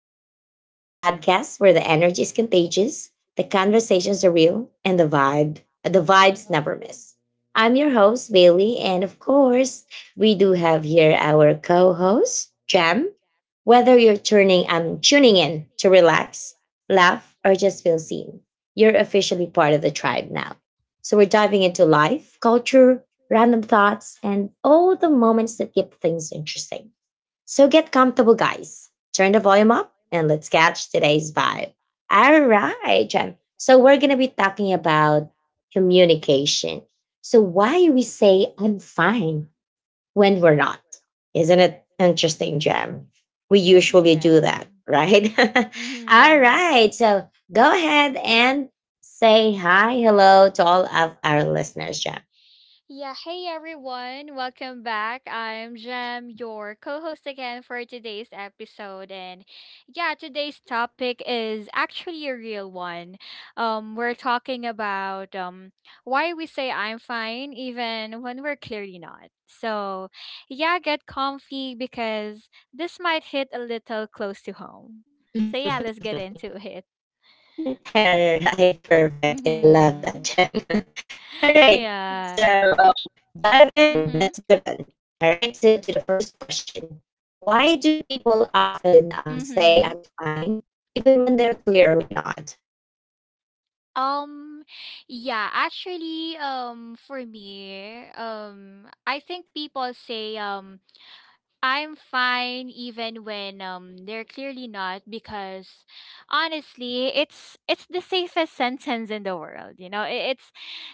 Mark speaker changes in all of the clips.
Speaker 1: Tribe, a podcast where the energy is contagious, the conversations are real, and the vibes never miss. I'm your host, Bailey, and of course, we do have here our co-host, Jam. Whether you're tuning in to relax, laugh, or just feel seen, you're officially part of the tribe now. So we're diving into life, culture, random thoughts, and all the moments that keep things interesting. So get comfortable, guys. Turn the volume up and let's catch today's vibe. All right, Jem. So we're going to be talking about communication. So why we say I'm fine when we're not. Isn't it interesting, Jem? We usually do
Speaker 2: Yeah.
Speaker 1: that, right? All
Speaker 2: Mm-hmm.
Speaker 1: right. So go ahead and say hi, hello to all of our listeners, Jem.
Speaker 2: Yeah. Hey, everyone. Welcome back. I'm Jem, your co host again for today's episode. And yeah, today's topic is actually a real one. We're talking about why we say I'm fine even when we're clearly not. So, yeah, get comfy because this might hit a little close to home. So, yeah, let's get into it.
Speaker 1: All right, perfect. I love that,
Speaker 2: Mm-hmm.
Speaker 1: Gem. All right, so
Speaker 2: Yeah.
Speaker 1: dive in.
Speaker 2: Mm-hmm.
Speaker 1: Let's dive in. All right, so to the first question, why do people often say
Speaker 2: Mhm.
Speaker 1: I'm fine, even when they're clearly not?
Speaker 2: Um yeah, Actually for me, I think people say I'm fine even when they're clearly not because honestly, it's the safest sentence in the world, you know. It, it's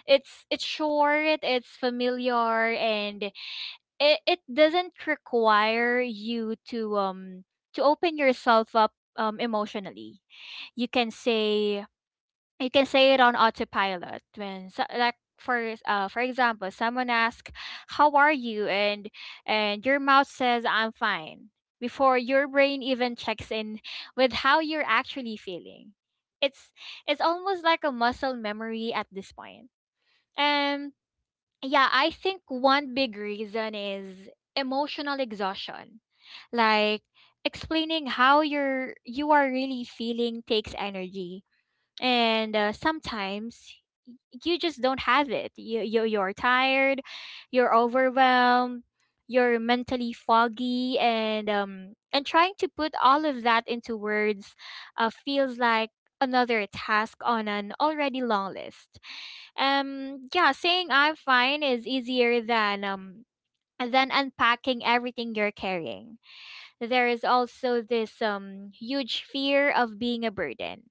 Speaker 2: it's it's short, it's familiar, and it doesn't require you to open yourself up emotionally. You can say you can say it on autopilot when for example, someone asks how are you, and your mouth says I'm fine before your brain even checks in with how you're actually feeling. it's it's almost like a muscle memory at this point. um yeah, I think one big reason is emotional exhaustion. Like, explaining how you are really feeling takes energy. And sometimes y- you just don't have it. You're tired, you're overwhelmed, you're mentally foggy, and trying to put all of that into words feels like another task on an already long list. Yeah, saying I'm fine is easier than unpacking everything you're carrying. There is also this huge fear of being a burden.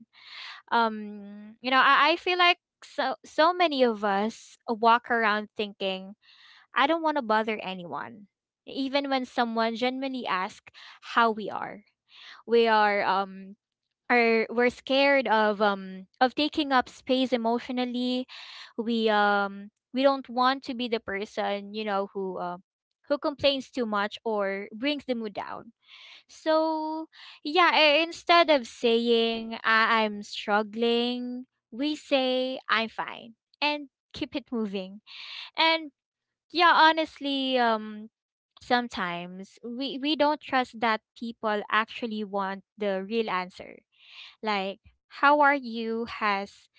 Speaker 2: You know, I feel like so many of us walk around thinking I don't want to bother anyone. Even when someone genuinely asks how we are, we are um we're scared of taking up space emotionally. We don't want to be the person, you know, who complains too much or brings the mood down. So, yeah, instead of saying I'm struggling, we say I'm fine and keep it moving. And yeah, honestly, sometimes we don't trust that people actually want the real answer. Like, how are you has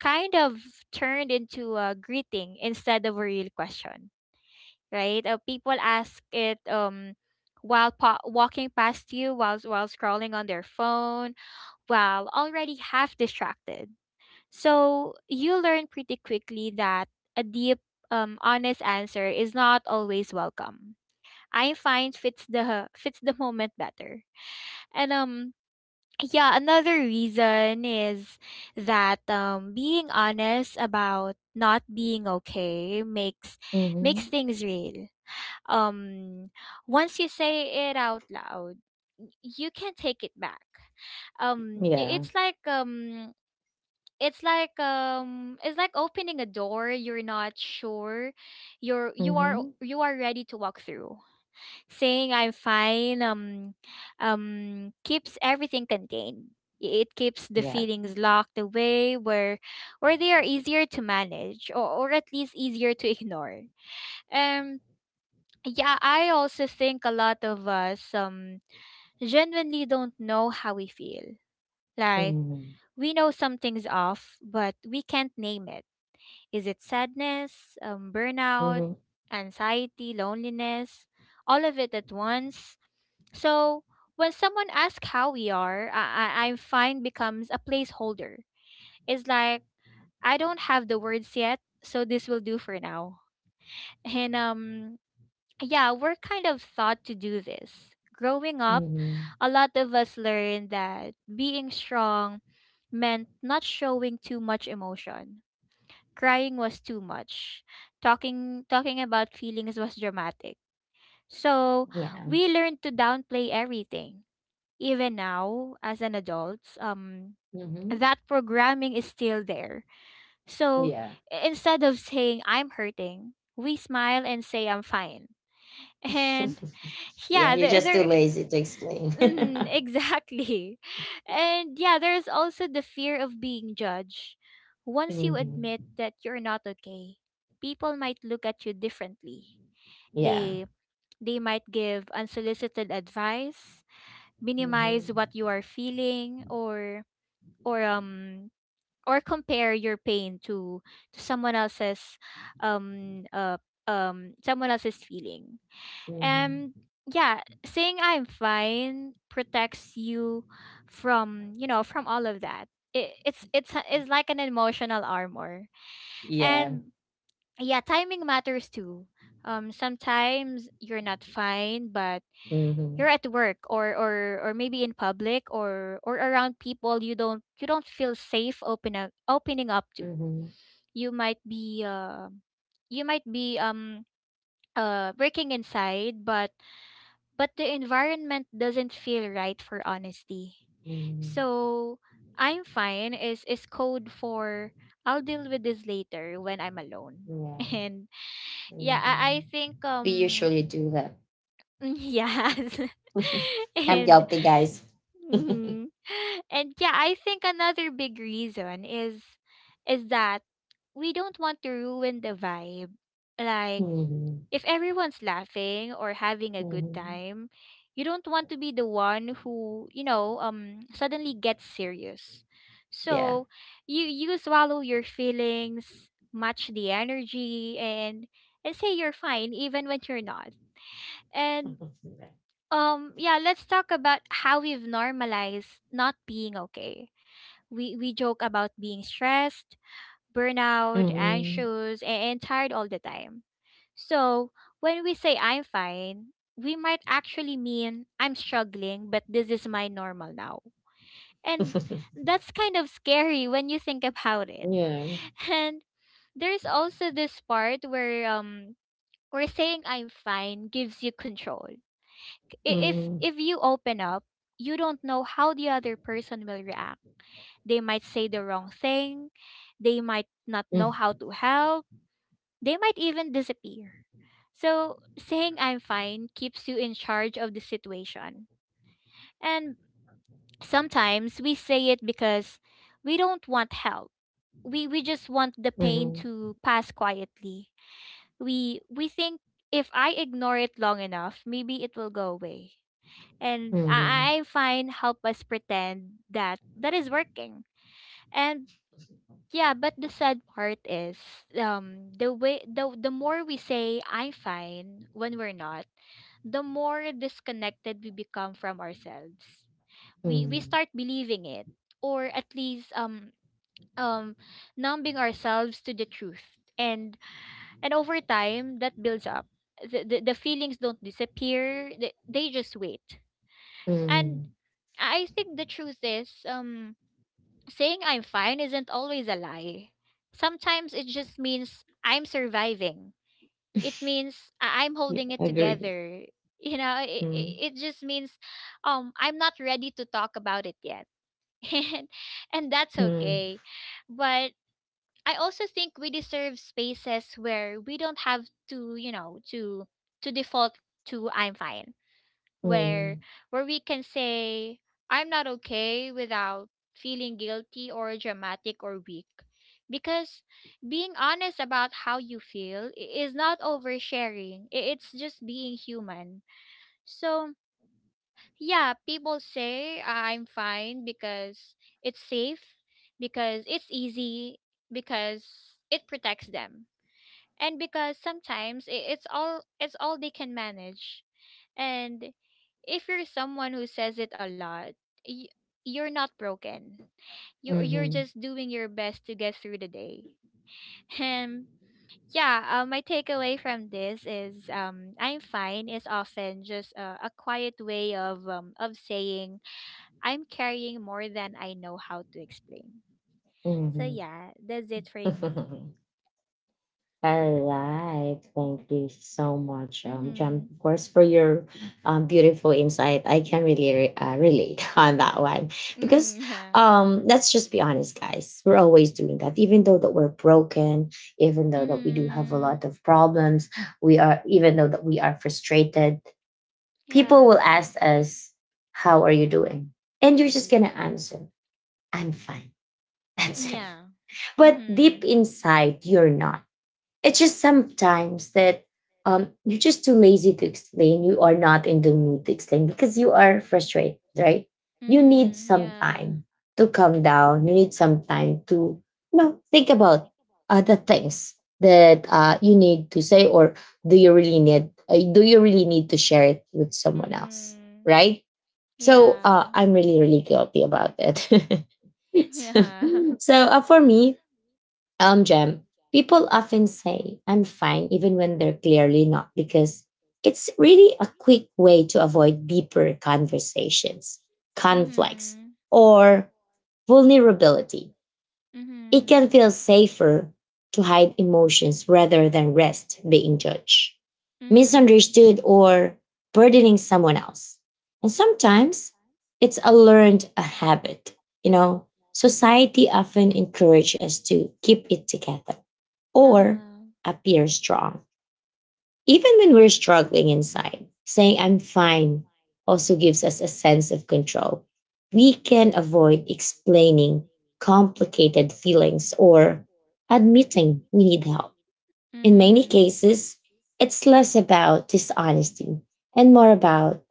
Speaker 2: kind of turned into a greeting instead of a real question, right? People ask it while walking past you, while scrolling on their phone, while already half distracted. So you learn pretty quickly that a deep, honest answer is not always welcome. I find fits the moment better, and. Yeah, another reason is that being honest about not being okay makes
Speaker 1: Mm-hmm.
Speaker 2: makes things real. um Once you say it out loud, you can't take it back. um i-
Speaker 1: Yeah.
Speaker 2: it's like um it's like opening a door you're not sure
Speaker 1: Mm-hmm.
Speaker 2: you are ready to walk through. Saying I'm fine keeps everything contained. It keeps the
Speaker 1: Yeah.
Speaker 2: feelings locked away where they are easier to manage, or at least easier to ignore. um yeah, I also think a lot of us genuinely don't know how we feel. Like,
Speaker 1: Mm-hmm.
Speaker 2: we know something's off, but we can't name it. Is it sadness, burnout,
Speaker 1: Mm-hmm.
Speaker 2: anxiety, loneliness, all of it at once? So when someone asks how we are, I find becomes a placeholder. It's like I don't have the words yet, so this will do for now. And yeah, we're kind of thought to do this. Growing up,
Speaker 1: Mm-hmm.
Speaker 2: a lot of us learned that being strong meant not showing too much emotion. Crying was too much. Talking about feelings was dramatic. So,
Speaker 1: Yeah.
Speaker 2: we learned to downplay everything. Even now as an adults,
Speaker 1: Mm-hmm.
Speaker 2: that programming is still there. So,
Speaker 1: Yeah.
Speaker 2: instead of saying I'm hurting, we smile and say I'm fine. And
Speaker 1: Yeah,
Speaker 2: yeah
Speaker 1: you're
Speaker 2: there,
Speaker 1: just too
Speaker 2: there
Speaker 1: lazy to explain.
Speaker 2: mhm, Exactly. And yeah, there's also the fear of being judged. Once you admit
Speaker 1: Mm-hmm.
Speaker 2: that you're not okay, people might look at you differently.
Speaker 1: Yeah.
Speaker 2: they they might give unsolicited advice, minimize
Speaker 1: Hmm.
Speaker 2: what you are feeling, or or um compare your pain to someone else's. um uh Someone else's feeling.
Speaker 1: Hmm.
Speaker 2: And yeah, saying I'm fine protects you from, you know, from all of that. It, it's a- it's like an emotional armor.
Speaker 1: Yeah.
Speaker 2: And yeah, timing matters too. Sometimes you're not fine, but you're
Speaker 1: Mhm.
Speaker 2: at work, or maybe in public, or around people you don't feel safe opening up to.
Speaker 1: Mhm.
Speaker 2: You might be you might be um breaking inside, but the environment doesn't feel right for honesty.
Speaker 1: Mhm.
Speaker 2: So, I'm fine is code for I'll deal with this later when I'm alone.
Speaker 1: Yeah.
Speaker 2: And yeah, I
Speaker 1: Mhm.
Speaker 2: think
Speaker 1: We usually do that.
Speaker 2: yes.
Speaker 1: I'm
Speaker 2: And
Speaker 1: guilty, guys.
Speaker 2: mhm. And yeah, I think another big reason is that we don't want to ruin the vibe. Like,
Speaker 1: Mhm.
Speaker 2: if everyone's laughing or having a good
Speaker 1: Mhm.
Speaker 2: time, you don't want to be the one who, you know, suddenly gets serious.
Speaker 1: Yeah.
Speaker 2: So you swallow your feelings, match the energy, and say you're fine even when you're not. And yeah, let's talk about how we've normalized not being okay. We joke about being stressed, burnout,
Speaker 1: Mhm.
Speaker 2: anxious, and tired all the time. So, when we say I'm fine, we might actually mean I'm struggling, but this is my normal now. And that's kind of scary when you think about it.
Speaker 1: Yeah.
Speaker 2: And there's also this part where saying I'm fine gives you control. If
Speaker 1: Mhm.
Speaker 2: you open up, you don't know how the other person will react. They might say the wrong thing. They might not know
Speaker 1: Mm.
Speaker 2: how to help. They might even disappear. So, saying I'm fine keeps you in charge of the situation. And sometimes we say it because we don't want help. We just want the pain
Speaker 1: Mhm.
Speaker 2: to pass quietly. We think if I ignore it long enough, maybe it will go away. And
Speaker 1: Mhm.
Speaker 2: I find help us pretend that that is working. And yeah, but the sad part is the way the more we say I'm fine when we're not, the more disconnected we become from ourselves. We
Speaker 1: Mhm.
Speaker 2: start believing it, or at least um numbing ourselves to the truth. And over time that builds up. The feelings don't disappear. They just wait. And
Speaker 1: Mhm.
Speaker 2: I think the truth is saying I'm fine isn't always a lie. Sometimes it just means I'm surviving. It means I'm
Speaker 1: Yeah,
Speaker 2: holding
Speaker 1: I
Speaker 2: it
Speaker 1: agree.
Speaker 2: together. You know,
Speaker 1: Mhm.
Speaker 2: it just means I'm not ready to talk about it yet. And that's
Speaker 1: Mhm.
Speaker 2: okay. But I also think we deserve spaces where we don't have to, you know, to default to I'm fine, where
Speaker 1: Mhm.
Speaker 2: we can say I'm not okay without feeling guilty or dramatic or weak. Because being honest about how you feel is not oversharing. It's just being human. So, yeah, people say I'm fine because it's safe, because it's easy, because it protects them, and because sometimes it's all they can manage. And if you're someone who says it a lot, y- you're not broken. You're
Speaker 1: Mhm.
Speaker 2: just doing your best to get through the day. And yeah, my takeaway from this is I'm fine is often just a quiet way of saying I'm carrying more than I know how to explain. So
Speaker 1: Mhm.
Speaker 2: yeah, that's it for me.
Speaker 1: All right. Thank you so much, Jam,
Speaker 2: Mm-hmm.
Speaker 1: of course, for your beautiful insight. I can really relate on that one because
Speaker 2: Mm-hmm. Yeah.
Speaker 1: let's just be honest, guys. We're always doing that, even though that we're broken, even though that we do have a lot
Speaker 2: Mm-hmm.
Speaker 1: of problems. We are, even though that we are frustrated. People will
Speaker 2: Yeah.
Speaker 1: ask us, "How are you doing?" And you're just gonna answer, "I'm fine." That's it.
Speaker 2: Yeah.
Speaker 1: But deep
Speaker 2: Mhm.
Speaker 1: inside, you're not. It's just sometimes that you're just too lazy to explain. You are not in the mood to explain because you are frustrated, right? You need
Speaker 2: Mhm.
Speaker 1: some
Speaker 2: Yeah.
Speaker 1: time to calm down. You need some time to, you know, think about other things that you need to say, or do you really need? Do you really need to share it with someone else,
Speaker 2: Mhm.
Speaker 1: right? So
Speaker 2: Yeah.
Speaker 1: I'm really, really guilty about it. so
Speaker 2: Yeah.
Speaker 1: so for me, Jem, people often say I'm fine even when they're clearly not because it's really a quick way to avoid deeper conversations, conflicts,
Speaker 2: Mhm.
Speaker 1: or vulnerability. It
Speaker 2: Mhm.
Speaker 1: can feel safer to hide emotions rather than risk being judged,
Speaker 2: Mhm.
Speaker 1: misunderstood, or burdening someone else. And sometimes it's a learned a habit. You know, society often encourages us to keep it together or
Speaker 2: Uh-huh.
Speaker 1: appear strong even when we're struggling inside, saying I'm fine also gives us a sense of control. We can avoid explaining complicated feelings or admitting we need help. In many
Speaker 2: Mhm.
Speaker 1: cases, it's less about dishonesty and more about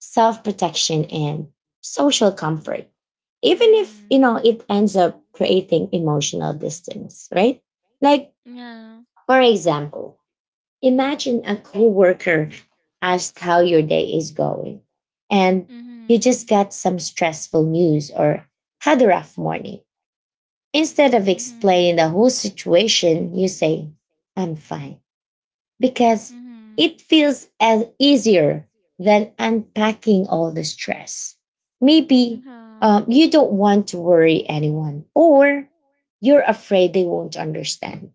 Speaker 1: self protection and social comfort. Even if, you
Speaker 2: Mhm.
Speaker 1: know, it ends up creating emotional distance, right? Like,
Speaker 2: Yeah.
Speaker 1: for example, imagine a coworker asked how your day is going and you just
Speaker 2: Mhm.
Speaker 1: got some stressful news or had a rough morning. Instead of
Speaker 2: Mhm.
Speaker 1: explaining the whole situation, you say, I'm fine, because
Speaker 2: Mhm.
Speaker 1: it feels as easier than unpacking all the stress. Maybe
Speaker 2: Huh.
Speaker 1: you don't want to worry anyone, or you're afraid they won't understand.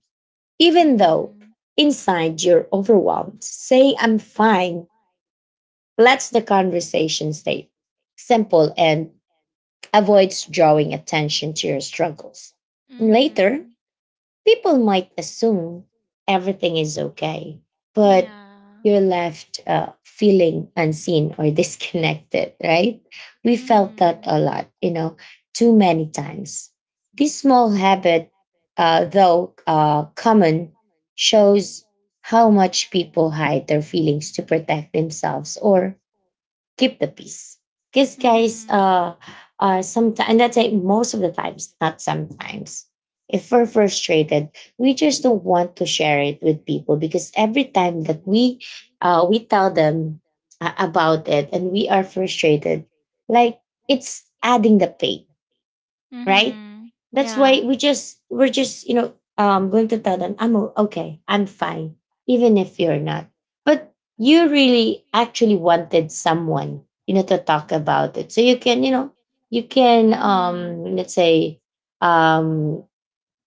Speaker 1: Even though
Speaker 2: Mhm.
Speaker 1: inside you're overwhelmed, say, I'm fine. Let the conversation stay simple and avoids drawing attention to your struggles. Later,
Speaker 2: Mhm.
Speaker 1: people might assume everything is okay, but
Speaker 2: Yeah.
Speaker 1: you're left feeling unseen or disconnected, right? We felt that a
Speaker 2: Mhm.
Speaker 1: lot, you know, too many times. This small habit, though common, shows how much people hide their feelings to protect themselves or keep the peace. Because guys,
Speaker 2: Mhm.
Speaker 1: sometimes, and that's it, most of the times, not sometimes. If we're frustrated, we just don't want to share it with people because every time that we tell them about it and we are frustrated, like it's adding the pain, right?
Speaker 2: Mhm.
Speaker 1: That's why
Speaker 2: Yeah.
Speaker 1: we're just going to tell them I'm okay, I'm fine, even if you're not. But you really actually wanted someone you know to talk about it, so you can you know you can
Speaker 2: Mhm.
Speaker 1: um let's say um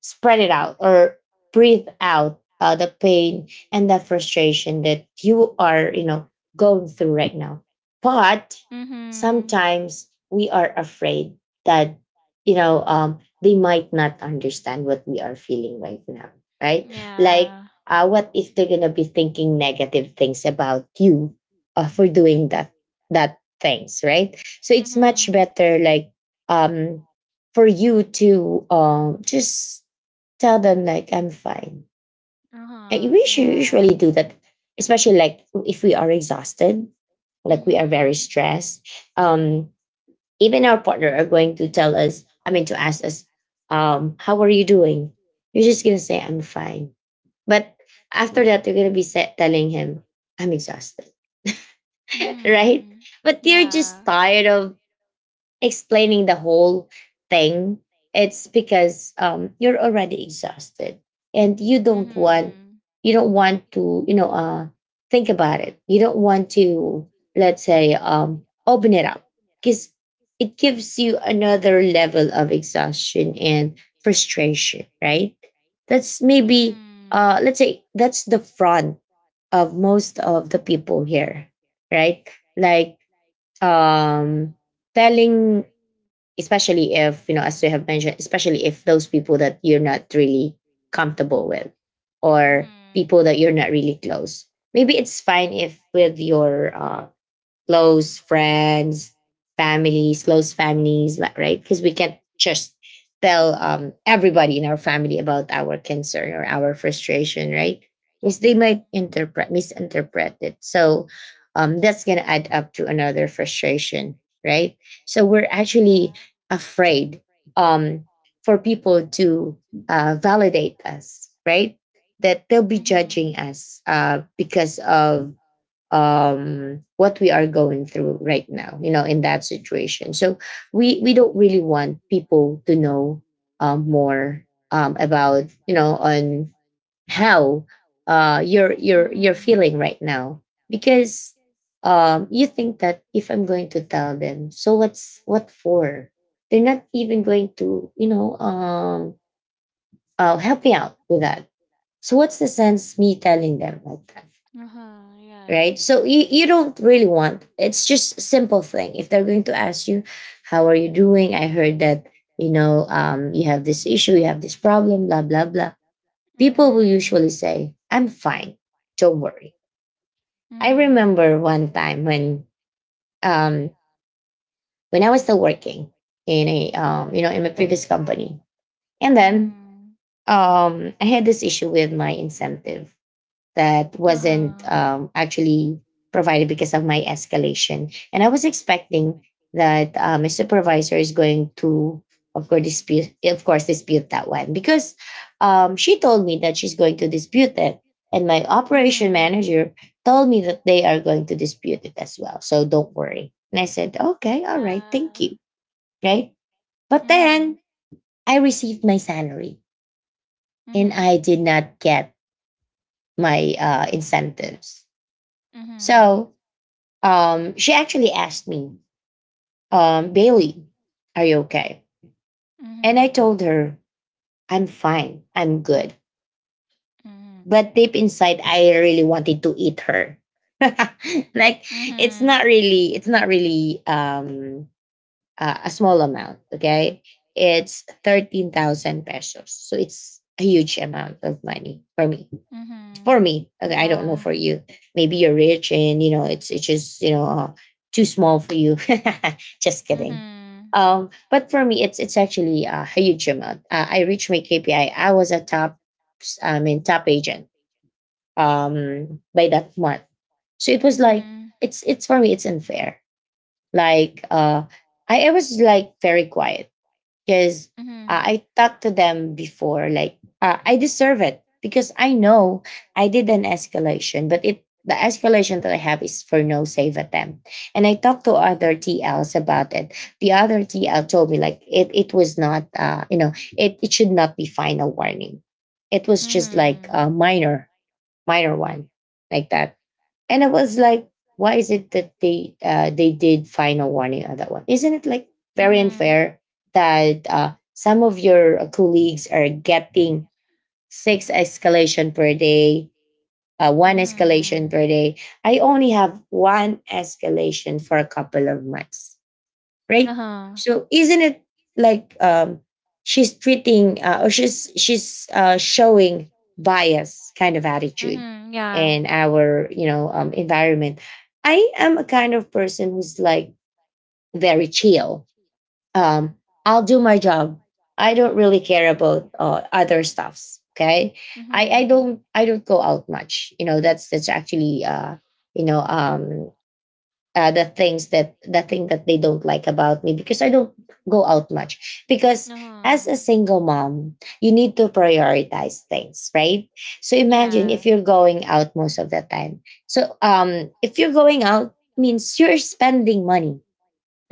Speaker 1: spread it out or breathe out the pain and the frustration that you are, you know, going through right now. But
Speaker 2: Mhm.
Speaker 1: sometimes we are afraid that, you know, they might not understand what we are feeling right now, right? Like,
Speaker 2: Yeah.
Speaker 1: what if they're gonna be thinking negative things about you for doing that things, right? So it's much
Speaker 2: Mhm.
Speaker 1: better, like, um, for you to just tell them like I'm fine. And
Speaker 2: Uh-huh.
Speaker 1: we should
Speaker 2: Yeah.
Speaker 1: usually do that, especially like if we are exhausted, like we are very
Speaker 2: Mhm.
Speaker 1: stressed. Um, Even our partner are going to tell us, I mean, to ask us, how are you doing? You're just gonna say I'm fine, but after that you're gonna be telling him I'm exhausted, right?
Speaker 2: Mhm.
Speaker 1: But they're just
Speaker 2: Yeah.
Speaker 1: tired of explaining the whole thing, it's because you're already exhausted and you don't want
Speaker 2: Mhm.
Speaker 1: you don't want to think about it. You don't want to let's say open it up because it gives you another level of exhaustion and frustration, right? That's maybe
Speaker 2: Mhm.
Speaker 1: let's say that's the front of most of the people here, right? Like um, telling, especially if, you know, as you have mentioned, especially if those people that you're not really comfortable with
Speaker 2: Mhm.
Speaker 1: or
Speaker 2: Mhm.
Speaker 1: people that you're not really close, maybe it's fine if with your close friends, families, close families, right? Because we can't just tell everybody in our family about our concern or our frustration, right? Because they might interpret, misinterpret it. So that's going to add up to another frustration, right? So we're actually
Speaker 2: Yeah.
Speaker 1: afraid, um, for people to validate us, right? That they'll be
Speaker 2: Mhm.
Speaker 1: judging us because of what we are going through right now, you know, in that situation. So we don't really want people to know more about, you know, on how you're
Speaker 2: Mhm.
Speaker 1: feeling right now. Because you think that if I'm going to tell them, so what's what for, they're not even going to, you know, help me out with that. So what's the sense me telling them like that,
Speaker 2: Uh-huh, right.
Speaker 1: right? So you don't really want, it's just simple thing, if they're going to ask you, how are you doing? I heard that, you know, you have this issue, you have this problem, blah blah blah. People will usually
Speaker 2: Mm-hmm.
Speaker 1: say I'm fine, don't worry. I remember one time um, when I was still working in a you know, in my previous company, and
Speaker 2: Mm-hmm.
Speaker 1: then
Speaker 2: Everything is done.
Speaker 1: I had this issue with my incentive that
Speaker 2: Mm-hmm.
Speaker 1: wasn't
Speaker 2: Uh-huh.
Speaker 1: actually provided because of my escalation. And I was expecting that my supervisor is going to, of course, dispute that one because she told me that she's going to dispute it, and my operation
Speaker 2: Mm-hmm.
Speaker 1: manager told me that they are going to dispute it as well. So don't worry. And I said,
Speaker 2: As
Speaker 1: okay, all right, thank
Speaker 2: yeah.
Speaker 1: you, right?
Speaker 2: But
Speaker 1: But
Speaker 2: mm-hmm.
Speaker 1: then I received my salary, and I did not get my incentives.
Speaker 2: Mm-hmm. Mm-hmm.
Speaker 1: So she actually asked me, Bailey, are you okay? And I told her, I'm fine, I'm good. But deep inside, I really wanted to eat her. Like,
Speaker 2: Mm-hmm. Mm-hmm. Mm-hmm. Mm-hmm. Yeah. Is mm-hmm. Usually mm-hmm. Mm-hmm.
Speaker 1: it's
Speaker 2: Mm-hmm.
Speaker 1: not
Speaker 2: Like
Speaker 1: really, it's not really a small amount. Okay, it's 13,000 pesos, so it's a huge amount of money for me. For me, okay, I don't know for you, maybe you're rich and you know it's just, you know, too small for you. Just kidding. But for me it's actually a huge amount. I reached my KPI. I was a top, I mean, top agent by that month. So it was like it's for me it's unfair. Like I was like very quiet because I talked to them before, like I deserve it because I know I did an escalation, but it the escalation that I have is for no save attempt. And I talked to other TLs about it. The other TL told me like it was not, you know, it should not be final warning. It was just like a minor one like that. And I was like, why is it that they did final warning on that one? Isn't it like very unfair that some of your colleagues are getting six escalation per day, one
Speaker 2: mm-hmm.
Speaker 1: escalation per day? I only have one escalation for a couple of months, right?
Speaker 2: Uh-huh.
Speaker 1: So isn't it like she's treating or she's showing bias kind of attitude
Speaker 2: Mm-hmm. Yeah.
Speaker 1: in our environment? I am a kind of person who's like very chill. Um, I'll do my job. I don't really care about other stuffs. Okay, I I
Speaker 2: Mm-hmm.
Speaker 1: don't I don't go out much. You know that's actually you know um, the thing that they don't like about me because I don't go out much. Because as
Speaker 2: Uh-huh.
Speaker 1: a single mom, you need to prioritize things, right? So imagine if
Speaker 2: Yeah.
Speaker 1: you're going out most of the time. So if you're going out means you're spending money,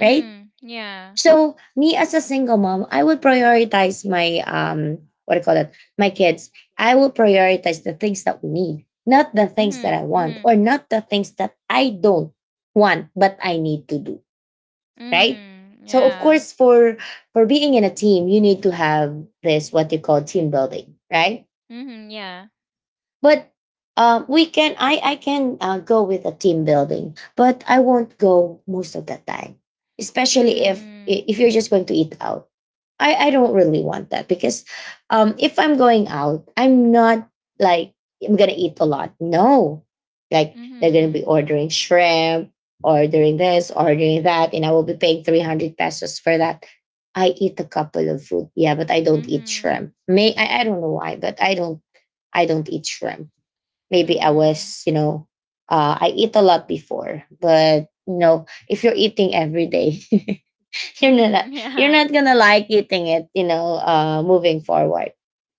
Speaker 1: right?
Speaker 2: Yeah.
Speaker 1: So me as a single mom, I would prioritize my what do you call that? My kids. I would prioritize the things that we need, not the things
Speaker 2: Mhm.
Speaker 1: that I want,
Speaker 2: Mhm.
Speaker 1: or not the things that I don't want, but I need to do. Right?
Speaker 2: Mhm.
Speaker 1: So of
Speaker 2: Yeah.
Speaker 1: course, for being in a team, you need to have this what you call team building, right?
Speaker 2: Mhm. Yeah.
Speaker 1: But we can I can go with a team building, but I won't go most of the time, especially if
Speaker 2: Mhm.
Speaker 1: if you're just going to eat out. I don't really want that because if I'm going out, I'm not like I'm gonna eat a lot. No, like they're gonna be
Speaker 2: Mhm.
Speaker 1: ordering shrimp, ordering this, ordering that, and I will be paying 300 pesos for that. I eat a couple of food, yeah, but I don't eat
Speaker 2: Mhm.
Speaker 1: shrimp. May I don't know why, but I don't eat shrimp.
Speaker 2: Mhm.
Speaker 1: Maybe I
Speaker 2: Mhm.
Speaker 1: was, you know, I eat a lot before, but you know, if you're eating every day, you're not you're
Speaker 2: Yeah.
Speaker 1: not gonna like eating it, you know, moving forward.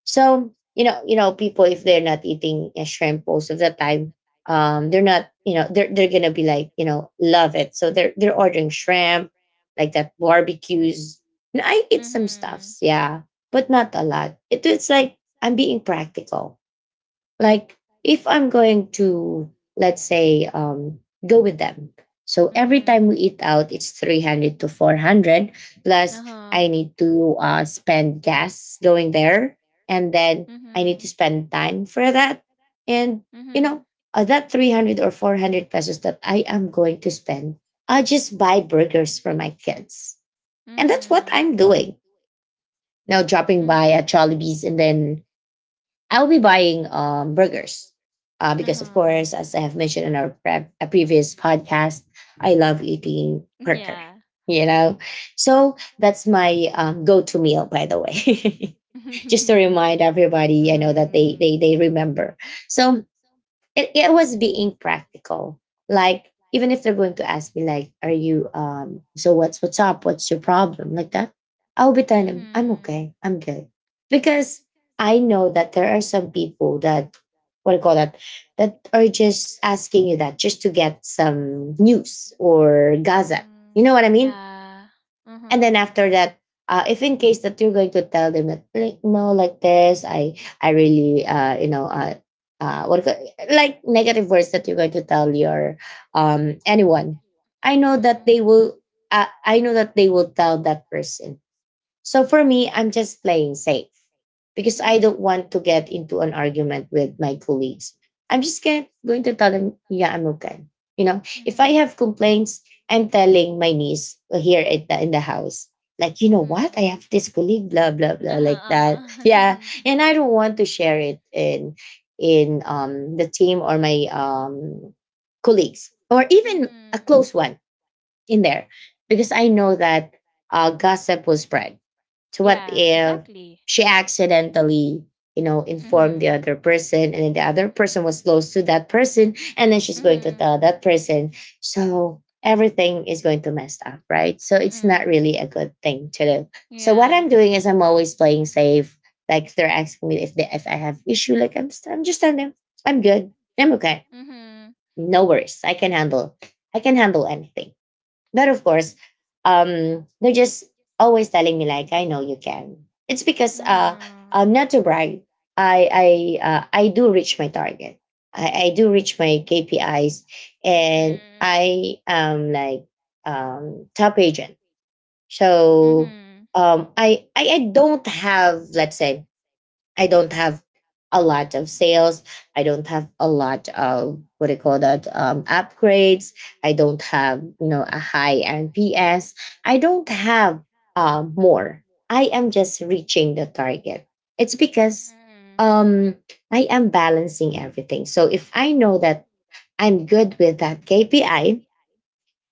Speaker 1: So you know, people if they're not eating shrimp most of the time, they're not, you know, they're gonna be like, you know, love it. So they're ordering shrimp, like that barbecues. And I eat some
Speaker 2: Mhm.
Speaker 1: stuffs, yeah, but not a lot. It's like I'm being practical, like if I'm going to, let's say, go with them, so every time we
Speaker 2: Mhm.
Speaker 1: eat out it's 300 to 400 plus.
Speaker 2: Uh-huh.
Speaker 1: I need to spend gas going there, and then I need to
Speaker 2: Mhm.
Speaker 1: spend time for that, and you
Speaker 2: Mhm.
Speaker 1: know, that 300 or 400 pesos that I am going to spend, I'll just buy burgers for my kids. And that's what
Speaker 2: Mhm.
Speaker 1: I'm doing now, dropping
Speaker 2: Mm.
Speaker 1: by at Jollibee's, and then I'll be buying burgers, because, of
Speaker 2: Uh-huh.
Speaker 1: course, as I have mentioned in our a previous podcast, I love eating burger.
Speaker 2: Yeah.
Speaker 1: You know, so that's my go-to meal. By the way, just to remind everybody, I know that they
Speaker 2: Mhm.
Speaker 1: they they remember. So it was being practical. Like even if they're going to ask me like, "Are you um? So what's up? What's your problem?" Like that, I'll be telling them, "I'm
Speaker 2: Mhm.
Speaker 1: okay. I'm good," because I know that there are some people that, what do you call that, that are just asking you that just to get some news or gossip.
Speaker 2: Mhm.
Speaker 1: You know what I mean?
Speaker 2: Yeah.
Speaker 1: And then
Speaker 2: Uh-huh.
Speaker 1: after that, if in case that you're going to tell them that, like, no, like this, I really you know what do you call- like negative words that you're going to tell your anyone, I know that
Speaker 2: Mhm.
Speaker 1: they will. I know that they will tell that person. So for me, I'm just playing safe because I
Speaker 2: Because
Speaker 1: don't want to get into an argument with my colleagues. I'm just going to tell them, yeah, I'm okay. You know, if I
Speaker 2: mhm.
Speaker 1: have complaints, I'm telling my niece here at in the house, like,
Speaker 2: I
Speaker 1: you
Speaker 2: don't want to
Speaker 1: know
Speaker 2: get mhm.
Speaker 1: what?
Speaker 2: Mhm.
Speaker 1: I have this colleague, blah, blah, blah,
Speaker 2: Uh-huh.
Speaker 1: like that.
Speaker 2: Uh-huh.
Speaker 1: Yeah. And I don't want to share it in the team or my colleagues or even a
Speaker 2: Mhm.
Speaker 1: close one in there, because I know that gossip will spread. So what
Speaker 2: Yeah,
Speaker 1: if
Speaker 2: exactly.
Speaker 1: she accidentally, you know, informed the
Speaker 2: Mhm.
Speaker 1: other person, and then the other person was close to that person, and then she's going to
Speaker 2: Mhm.
Speaker 1: tell that person. So everything is going to mess up, right? So it's not
Speaker 2: Mhm.
Speaker 1: really a good thing to do. So what
Speaker 2: Yeah.
Speaker 1: I'm doing is I'm always playing safe. Like if they're asking me if if I have issue, like I'm just telling them I'm good, I'm okay,
Speaker 2: I'm mhm.
Speaker 1: no worries, I can handle anything. But of course, they're just always telling me like, "I know you can." It's because
Speaker 2: Uh-huh.
Speaker 1: not to brag, I I I do reach my target. I do
Speaker 2: I
Speaker 1: reach
Speaker 2: do
Speaker 1: my
Speaker 2: reach
Speaker 1: KPIs,
Speaker 2: my
Speaker 1: and
Speaker 2: KPIs.
Speaker 1: I am like top agent. So
Speaker 2: Mhm.
Speaker 1: I don't have, let's say, I don't have a lot of sales. I don't have a lot of, what do you call that, upgrades. I don't have, you know, a high NPS. I don't have more. I am just reaching the target. It's because
Speaker 2: Mhm. It's not
Speaker 1: um, I am balancing everything. So if I know that I'm good with that KPI,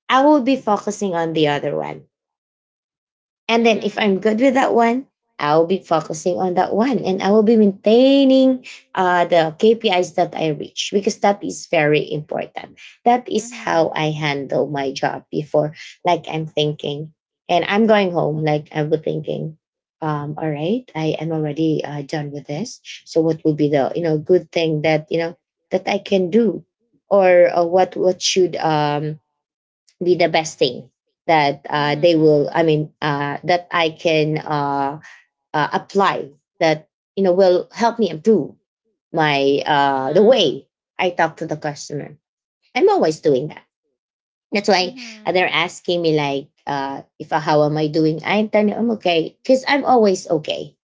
Speaker 1: I will be focusing on the other one. And then if
Speaker 2: mhm.
Speaker 1: I'm good with that one, I'll be focusing on that one, and I will be maintaining the KPIs that I reach, because that is very important. That is how
Speaker 2: Mhm.
Speaker 1: I handle my job before. Like I'm thinking, and I'm going home, like I was thinking, all right, I am already done with this. So what would be the, you know, good thing that, you know, that I can do, or what should, be the best thing that they will
Speaker 2: Mhm.
Speaker 1: I mean that I can apply that, you know, will help me improve my
Speaker 2: What mhm. I want.
Speaker 1: the
Speaker 2: Uh-huh.
Speaker 1: way I talk to the customer. I'm always doing that. That's why
Speaker 2: Mhm.
Speaker 1: they're asking me like, if how am I doing, I'm telling them I'm okay because I'm always okay.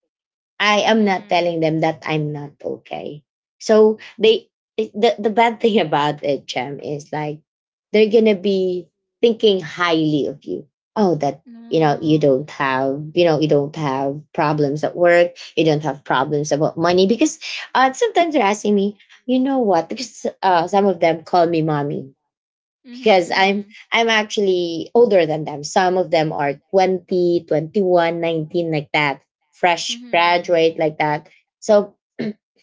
Speaker 1: I am not
Speaker 2: Mhm.
Speaker 1: telling them that I'm not okay. So they, the bad thing about it, Chem, is like they're gonna be thinking highly of you. Oh, that, you know, you
Speaker 2: No.
Speaker 1: don't have, you know, you don't have problems at work. You don't have problems about money. Because sometimes they're asking me, you know what? Because some of them call me mommy
Speaker 2: Mhm.
Speaker 1: because i'm
Speaker 2: Mhm.
Speaker 1: i'm actually older than them. Some of them are 20, 21, 19, like that,
Speaker 2: That's
Speaker 1: fresh graduate like that. So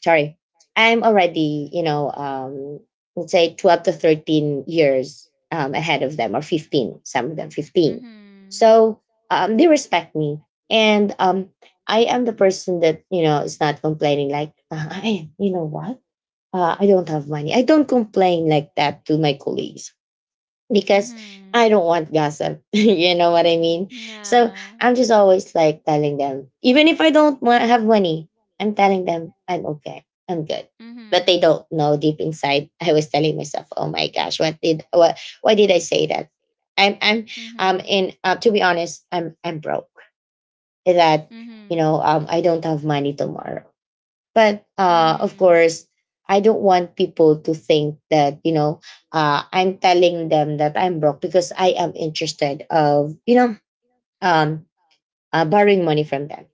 Speaker 1: sorry, I'm already, you know, let's say 12 to 13 years ahead of them, or 15, some of them
Speaker 2: mhm.
Speaker 1: 15.
Speaker 2: Mhm.
Speaker 1: So they respect me, and I am the person that, you know, is not complaining, like, I, you know what, I don't have money. I don't complain like that to my colleagues, because I
Speaker 2: Mhm.
Speaker 1: don't want gossip.
Speaker 2: You know what
Speaker 1: You know what I mean?
Speaker 2: I mean?
Speaker 1: So
Speaker 2: Yeah.
Speaker 1: I'm just always like telling them, even if I don't have money, I'm telling them I'm okay, I'm good. But they
Speaker 2: Mhm.
Speaker 1: don't know deep inside. I was telling myself, oh my gosh, what did what? Why did I say that? I'm
Speaker 2: I mean,
Speaker 1: in to be honest, I'm broke. That, you
Speaker 2: mhm.
Speaker 1: know, I don't have money tomorrow, but
Speaker 2: You
Speaker 1: of
Speaker 2: know,
Speaker 1: course I don't want people to think that, you know, I'm telling them that I'm broke because I am interested of, you know, um, borrowing money from them,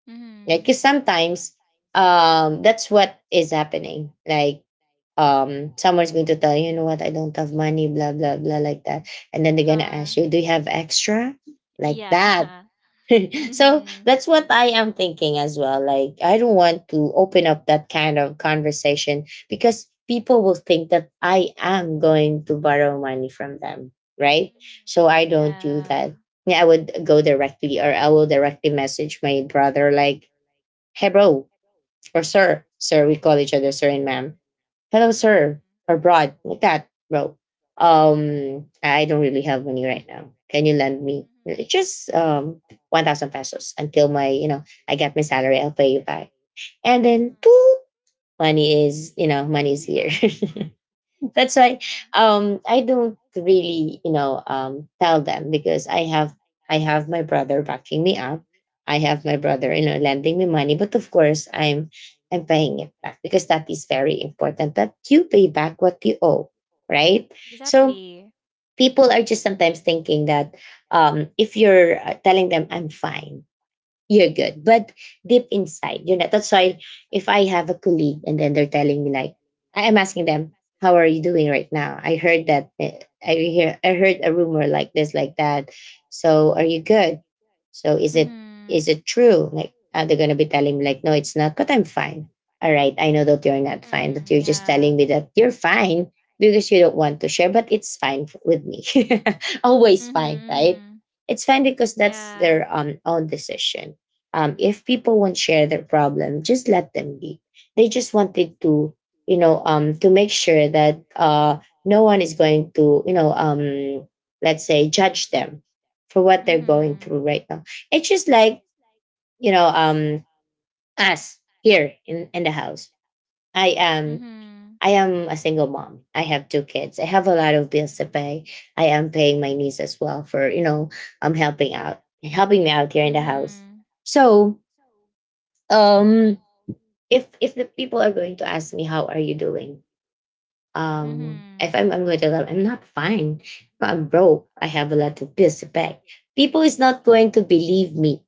Speaker 2: mhm.
Speaker 1: right?
Speaker 2: Mhm.
Speaker 1: Because
Speaker 2: Uh,
Speaker 1: sometimes, that's what is happening, like, someone's going to tell you, you know what, I don't have money, blah, blah, blah, like that. And
Speaker 2: mhm.
Speaker 1: then they're going to
Speaker 2: Uh-huh.
Speaker 1: ask you, do you have extra? Like that.
Speaker 2: Yeah.
Speaker 1: So that's what I am thinking as well. Like, I don't want to open up that kind of conversation because people will think that I am going to borrow money from them, right? So I
Speaker 2: Yeah.
Speaker 1: don't do
Speaker 2: Mhm.
Speaker 1: that.
Speaker 2: Mhm.
Speaker 1: Yeah, I would go directly, or I will directly message my brother, like, hey, bro, or sir, we call each other sir and ma'am, hello, sir,
Speaker 2: Yeah.
Speaker 1: abroad, like that, bro. I don't really have money right now. Can you lend
Speaker 2: Mhm.
Speaker 1: me really,
Speaker 2: And
Speaker 1: just 1,000 pesos until my, you know, I get my salary, I'll pay you back. And
Speaker 2: it's mhm. Uh-huh.
Speaker 1: then, boop, money is, you know, money is here. That's why
Speaker 2: Mhm.
Speaker 1: I don't really, you know, tell them, because I have, I have my brother backing me up. I have my brother, you know, lending me money. But of course I'm paying it back, because that is very important, that you pay back what you owe. Right? So
Speaker 2: Exactly.
Speaker 1: people are just sometimes thinking that if you're telling them I'm fine, you're good. But deep inside, you're not. That's why if I have a colleague and then they're telling me, like, I am asking them, how are you doing right now? I heard a rumor, like this, like that. So are you good? So is it
Speaker 2: Mhm.
Speaker 1: is it true? Like, are they gonna be telling me, like, no, it's not, but I'm fine. All right, I
Speaker 2: All
Speaker 1: know that you're
Speaker 2: right.
Speaker 1: not
Speaker 2: I
Speaker 1: fine, but you're
Speaker 2: know what
Speaker 1: just telling me that you're fine because you don't want to share, but it's fine with me. Always fine, right?
Speaker 2: mhm.
Speaker 1: It's fine because
Speaker 2: What I
Speaker 1: that's
Speaker 2: yeah.
Speaker 1: their own decision. If people won't share their problem, just let them be. They just wanted to, to make sure that no one is going to, let's say, judge them for what
Speaker 2: Was
Speaker 1: they're going
Speaker 2: telling you.
Speaker 1: through right now. It's just like, you know um, us here in the house. i am
Speaker 2: Mhm.
Speaker 1: i am a single mom. I have two kids. I have a lot of bills to pay. I am paying my niece as well for, I'm helping out helping me out
Speaker 2: Mhm.
Speaker 1: here
Speaker 2: It's kind of yeah. You know, mhm. Uh, mhm.
Speaker 1: in
Speaker 2: How
Speaker 1: the
Speaker 2: we
Speaker 1: house.
Speaker 2: manage
Speaker 1: So, um if the people are going to ask me, how are you doing?
Speaker 2: mhm. The house mhm.
Speaker 1: If I'm going to tell them, I'm not fine, I'm broke, I have a lot of bills to pay, people is not going to believe me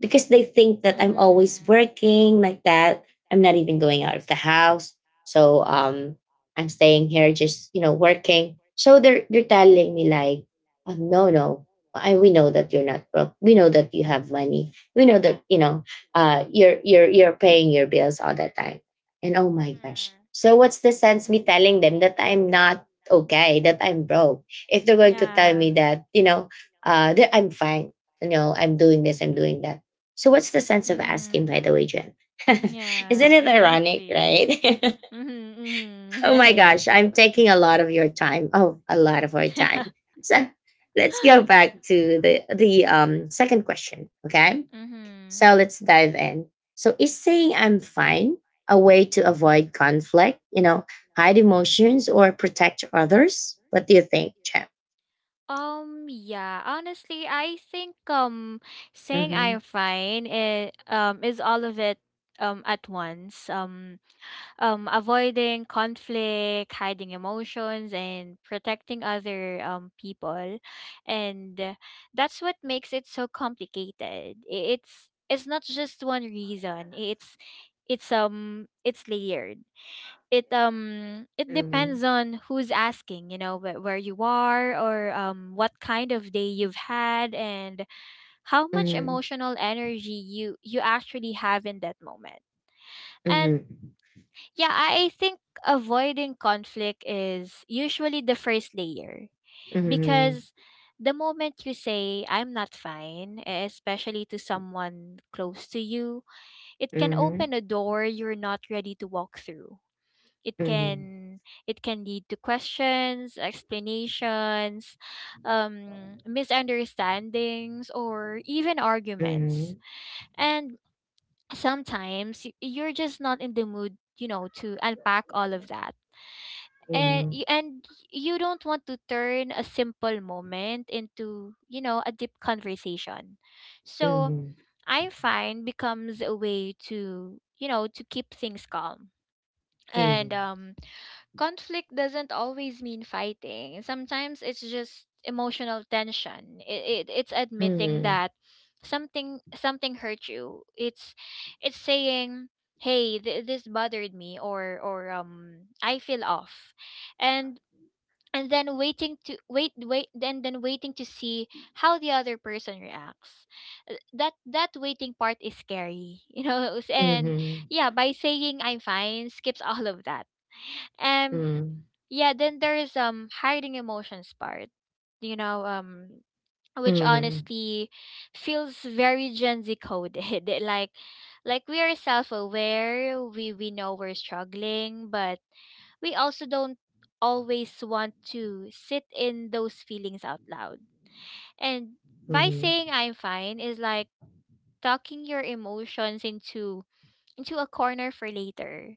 Speaker 1: because they think that I'm always working like that. I'm not even going out of the house. So, I'm staying here, just, you know, working. So they're telling me, like, oh, no, no. We know that you're not broke. We know that you have money. We know that, you know, you're paying your bills all the time. And oh
Speaker 2: Mhm.
Speaker 1: my gosh.
Speaker 2: Mhm.
Speaker 1: So what's the sense me telling them that I'm not okay, that I'm broke? If they're going to tell
Speaker 2: Yeah.
Speaker 1: me that, you know, that I'm fine, you know, I'm doing this, I'm doing that. So, what's the sense of asking,
Speaker 2: Mm-hmm.
Speaker 1: by the way, Jen? Isn't
Speaker 2: Yeah,
Speaker 1: it ironic,
Speaker 2: exactly.
Speaker 1: right?
Speaker 2: Mm-hmm,
Speaker 1: Oh
Speaker 2: mm-hmm.
Speaker 1: my
Speaker 2: Right.
Speaker 1: gosh, I'm taking a lot of your time. Oh, a lot of our time.
Speaker 2: Yeah.
Speaker 1: So, let's go back to the second question. Okay,
Speaker 2: Mm-hmm.
Speaker 1: so let's dive in. So, is saying I'm fine a way to avoid conflict? You know, hide emotions or protect others? What do you think, Jen?
Speaker 2: Yeah, Honestly, I think saying
Speaker 1: Mm-hmm.
Speaker 2: I'm fine is all of it at once. Avoiding conflict, hiding emotions, and protecting other people, and that's what makes it so complicated. It's not just one reason. It's it's layered. It it depends on who's asking, you know, where you are or what kind of day you've had, and how much
Speaker 1: Mm-hmm.
Speaker 2: emotional energy you actually have in that moment. And
Speaker 1: Mm-hmm.
Speaker 2: yeah, I think avoiding conflict is usually the first layer,
Speaker 1: Mm-hmm. Mm-hmm.
Speaker 2: because the moment you say I'm not fine, especially to someone close to you, it can
Speaker 1: Mm-hmm.
Speaker 2: open a door you're not ready to walk through. It
Speaker 1: Mm-hmm.
Speaker 2: can it can lead to questions, explanations, misunderstandings, or even
Speaker 1: Mm-hmm.
Speaker 2: arguments. And sometimes you're just not in the mood, you know, to unpack all of that, and
Speaker 1: Mhm,
Speaker 2: y- and you don't want to turn a simple moment into, you know, a deep conversation. So
Speaker 1: mhm,
Speaker 2: I find becomes a way to, you know, to keep things calm. And
Speaker 1: mhm,
Speaker 2: Conflict doesn't always mean fighting. Sometimes it's just emotional tension. It's admitting
Speaker 1: mhm,
Speaker 2: that something hurt you. It's saying, hey, this bothered me, or I feel off, and and then waiting to see how the other person reacts. That waiting part is scary, you know. And
Speaker 1: mhm,
Speaker 2: yeah, by saying I'm fine skips all of that. And
Speaker 1: mhm,
Speaker 2: yeah, then there is hiding emotions part, you know. Which
Speaker 1: mhm,
Speaker 2: honestly feels very gen z coded, like like we are self-aware, we know we're struggling, but we also don't always want to sit in those feelings out loud. And By
Speaker 1: mhm,
Speaker 2: saying I'm fine is like talking your emotions into a corner for later.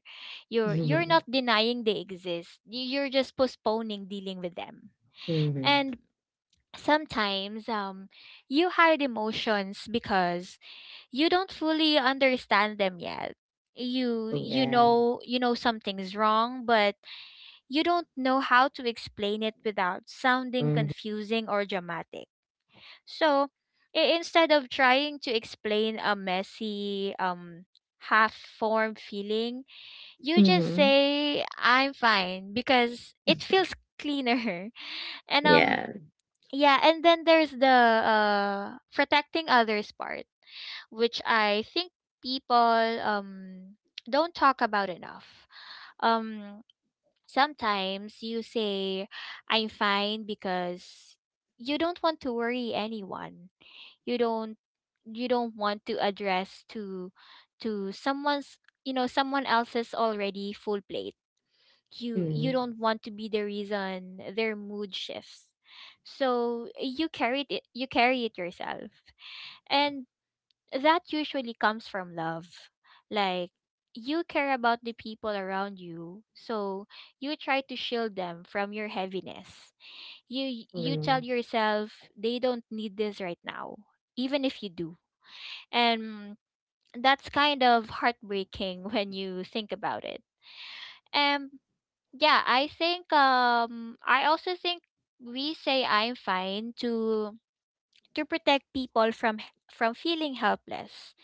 Speaker 2: You're not denying they exist. You're just postponing dealing with them.
Speaker 1: mhm,
Speaker 2: And sometimes you hide emotions because you don't fully understand them yet. You
Speaker 1: mhm. Yeah.
Speaker 2: you know something's wrong, but you don't know how to explain it without sounding
Speaker 1: Mhm,
Speaker 2: confusing or dramatic. So, instead of trying to explain a messy half formed feeling, you just
Speaker 1: mhm,
Speaker 2: say I'm fine because it feels cleaner. And
Speaker 1: yeah.
Speaker 2: Yeah, and then there's the protecting others part, which I think people don't talk about enough. Um Sometimes you say I'm fine because you don't want to worry anyone. You don't you don't want to address to someone's, you know, someone else's already full plate. You
Speaker 1: Mhm,
Speaker 2: don't want to be the reason their mood shifts, so you carry it yourself. And that usually comes from love. Like, you care about the people around you, so you try to shield them from your heaviness. You
Speaker 1: mhm,
Speaker 2: tell yourself they don't need this right now, even if you do. And that's kind of heartbreaking when you think about it. Um yeah, I think I also think we say I'm fine to protect people from, from feeling helpless,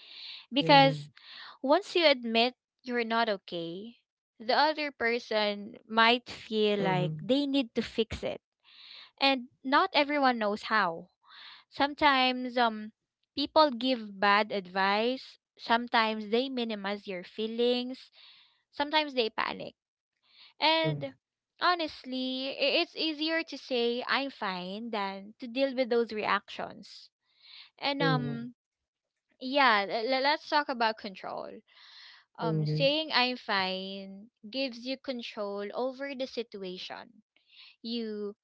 Speaker 1: mhm,
Speaker 2: because once you admit you're not okay, the other person might feel
Speaker 1: mhm, mhm,
Speaker 2: like
Speaker 1: mhm,
Speaker 2: they need to fix it, and not everyone knows how. Sometimes people give bad advice, sometimes they minimize your feelings, sometimes they panic.
Speaker 1: mhm,
Speaker 2: And honestly, it's easier to say I'm fine than to deal with those reactions. And Yeah, let's talk about control. Saying I'm fine gives you control over the situation. You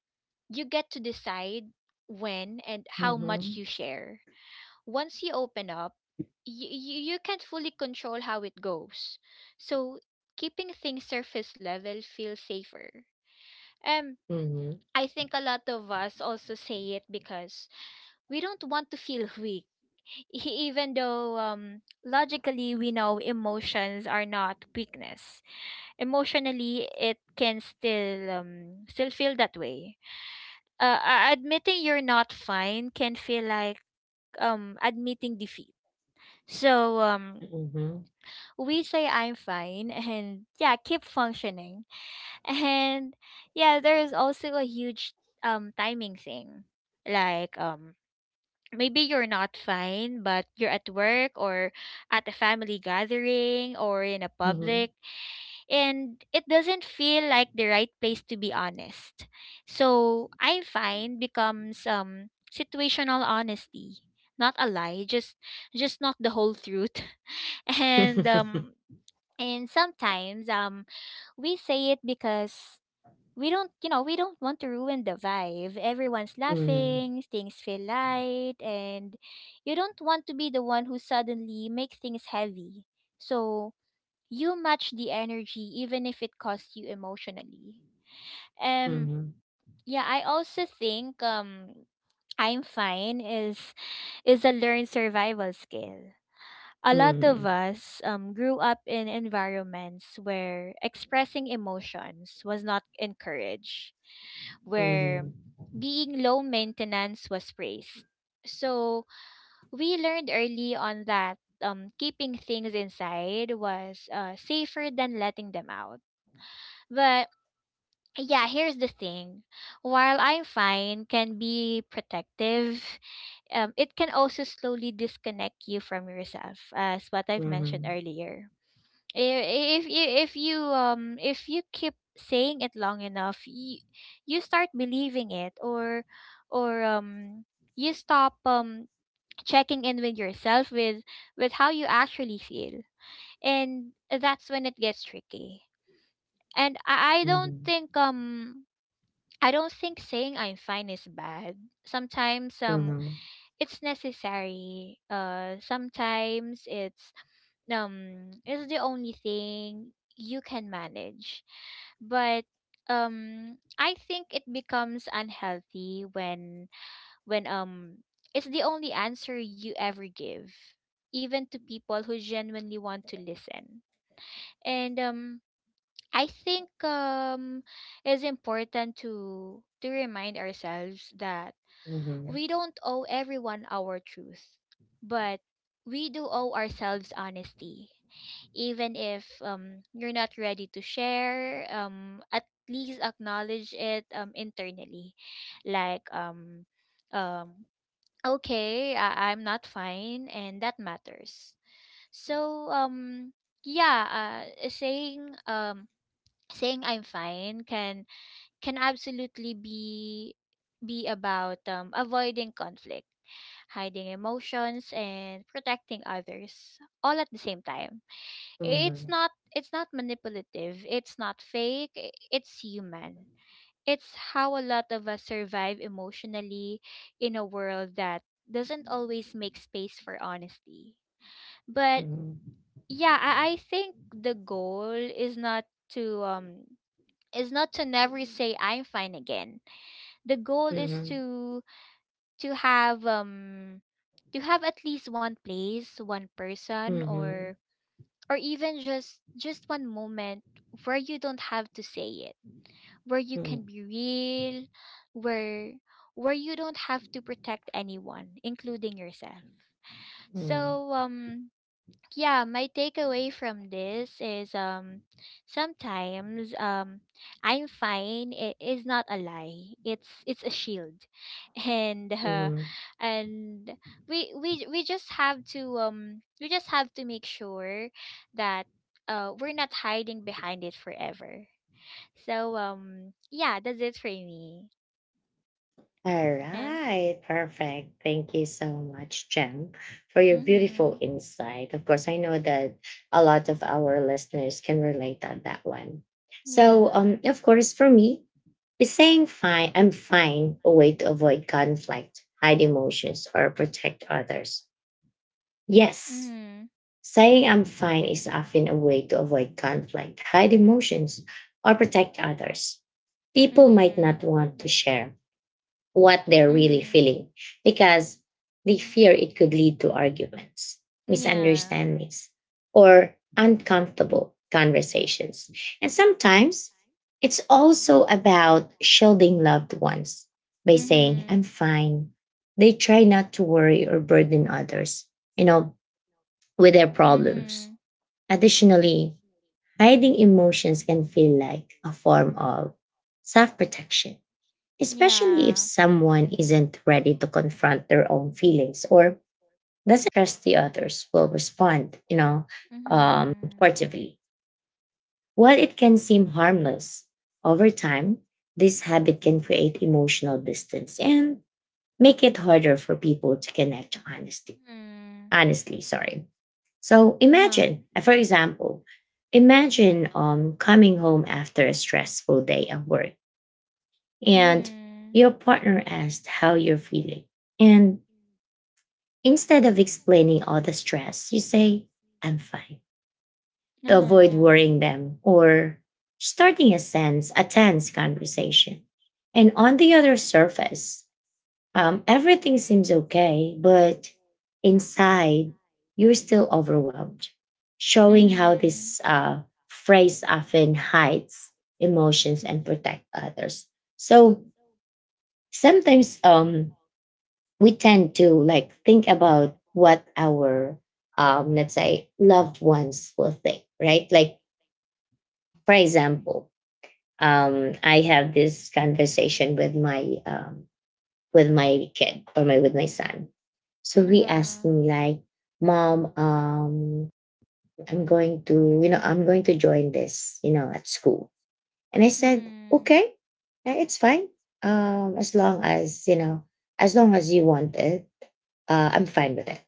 Speaker 2: you get to decide when and how much you share. Once you open up, you can't fully control how it goes. So keeping things surface level feels safer. Um
Speaker 1: mhm,
Speaker 2: I think a lot of us also say it because we don't want to feel weak. Even though, logically we know emotions are not weakness, emotionally it can still feel that way. Admitting you're not fine can feel like, admitting defeat. So um, we say I'm fine, and yeah, keep functioning. And yeah, there is also a huge timing thing. Like um Maybe you're not fine, but you're at work, or at a family gathering, or in a
Speaker 1: mhm,
Speaker 2: public, and it doesn't feel like the right place to be honest. So I'm fine becomes situational honesty. Not a lie, just not the whole truth. And um and sometimes we say it because we don't, you know, we don't want to ruin the vibe. Everyone's
Speaker 1: mhm,
Speaker 2: laughing, things feel light, and you don't want to be the one who suddenly makes things heavy. So you match the energy even if it costs you emotionally. Um
Speaker 1: mhm.
Speaker 2: yeah, I also think I'm fine is a learned survival skill.
Speaker 1: Mhm,
Speaker 2: A
Speaker 1: mhm,
Speaker 2: lot
Speaker 1: mhm,
Speaker 2: of
Speaker 1: mhm,
Speaker 2: us, grew up in environments where expressing emotions was not encouraged,
Speaker 1: mhm, mhm,
Speaker 2: where
Speaker 1: mhm,
Speaker 2: being low maintenance was praised. So we learned early on that, keeping things inside was, safer than letting them out. But yeah, here's the thing. While I'm fine can be protective, it can also slowly disconnect you from yourself, as what I've mentioned earlier. If you keep saying it long enough, you start believing it, or or um you stop checking in with yourself, with how you actually feel, and that's when it gets tricky. And I don't think I don't think saying I'm fine is bad. Sometimes it's necessary. Sometimes it's the only thing you can manage. But I think it becomes unhealthy when when um it's the only answer you ever give, even to people who genuinely want to listen. And I think it's important to remind ourselves that we don't owe everyone our truth, but we do owe ourselves honesty. Even if you're not ready to share, at least acknowledge it internally. Like um um okay, I'm not fine, and that matters. So um yeah, uh, saying um saying I'm fine can can absolutely be about, avoiding conflict, hiding emotions, and protecting others, all at the same time. It's not manipulative. It's not fake. It's human. It's how a lot of us survive emotionally in a world that doesn't always make space for honesty. But
Speaker 1: mhm,
Speaker 2: yeah, I think the goal is to um not to never say I'm fine again. The goal is
Speaker 1: mhm,
Speaker 2: to to have um to have at least one place, one
Speaker 1: mhm,
Speaker 2: person,
Speaker 1: mhm,
Speaker 2: or even just one moment where you don't have to say it, where you can
Speaker 1: mhm.
Speaker 2: be real, where where you don't have to protect anyone, including yourself.
Speaker 1: Mm,
Speaker 2: So um yeah, my takeaway from this is, sometimes, I'm fine, it is not a lie. It's a shield, and uh,
Speaker 1: mhm.
Speaker 2: and we just have to, we just have to make sure that we're not hiding behind it forever. So yeah, that's it for me. And
Speaker 1: Alright, perfect. Thank you so much, Jem, for your beautiful
Speaker 2: mhm.
Speaker 1: insight. Of course, I know that a lot of our listeners can relate on that one. So,
Speaker 2: Yeah.
Speaker 1: of course, for me, is saying fine, I'm fine, a way to avoid conflict, hide emotions, or protect others? Yes,
Speaker 2: Mhm.
Speaker 1: saying I'm fine is often a way to avoid conflict, hide emotions, or protect others. People might not
Speaker 2: Mhm.
Speaker 1: want to share what they're really
Speaker 2: Mhm.
Speaker 1: feeling because they fear it could lead to arguments,
Speaker 2: Yeah.
Speaker 1: misunderstandings, or uncomfortable conversations. And sometimes it's also about shielding loved ones by saying, I'm
Speaker 2: Mhm.
Speaker 1: fine. They try not to worry or burden others, you know, with their problems.
Speaker 2: Mhm.
Speaker 1: Additionally, hiding emotions can feel like a form of self protection, especially if
Speaker 2: Yeah.
Speaker 1: someone isn't ready to confront their own feelings or doesn't trust the others will respond, you know,
Speaker 2: Mhm.
Speaker 1: supportively. While it can seem harmless, over time, this habit can create emotional distance and make it harder for people to connect honestly.
Speaker 2: Mhm.
Speaker 1: Honestly, sorry. So
Speaker 2: Uh-huh.
Speaker 1: imagine, for example, imagine coming home after a stressful day at work, and
Speaker 2: Mhm.
Speaker 1: your partner asked how you're feeling. And instead of explaining all the stress, you say, I'm fine, to avoid
Speaker 2: Uh-huh.
Speaker 1: worrying them or starting a tense conversation. And on the other surface, everything seems okay, but inside, you're still overwhelmed, showing how this
Speaker 2: Mhm.
Speaker 1: phrase often hides emotions and protect others. So sometimes, we tend to, like, think about what our, let's say, loved ones will think, right, like, for example, I have this conversation with my, with my kid or my with my son. So he asked
Speaker 2: Uh-huh.
Speaker 1: me, like, mom, I'm going to join this, you know, at school. And I said,
Speaker 2: Mhm.
Speaker 1: okay, it's fine, as long as you know, as long as you want it, I'm fine with it.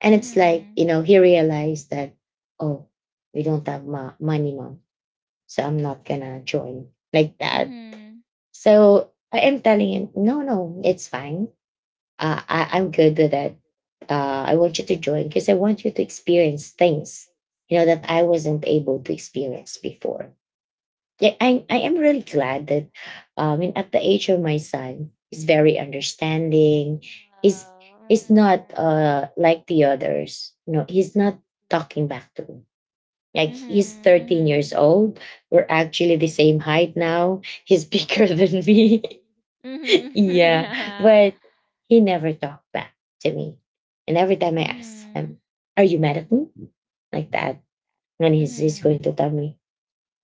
Speaker 1: And it's like,
Speaker 2: Mhm.
Speaker 1: you know, he realized that, oh, we don't have money, mom. So I'm not going to join like that.
Speaker 2: Mhm.
Speaker 1: So I am telling him, no, no, it's fine. I'm good with that. I want you to join because I want you to experience things, you know, that I wasn't able to experience before. Yeah, I am really glad that, and at the age of my son, he's very understanding. He's he's not like the others. You know, he's not talking back to me. Like, he's
Speaker 2: Mhm. Mhm.
Speaker 1: 13 years
Speaker 2: Mhm.
Speaker 1: old. We're actually the same height now. He's bigger than me. Yeah.
Speaker 2: Yeah.
Speaker 1: But he never talked back to me. And every time I ask him,
Speaker 2: Mhm.
Speaker 1: are you mad at me? Like that. And he's going to
Speaker 2: Mhm.
Speaker 1: tell me,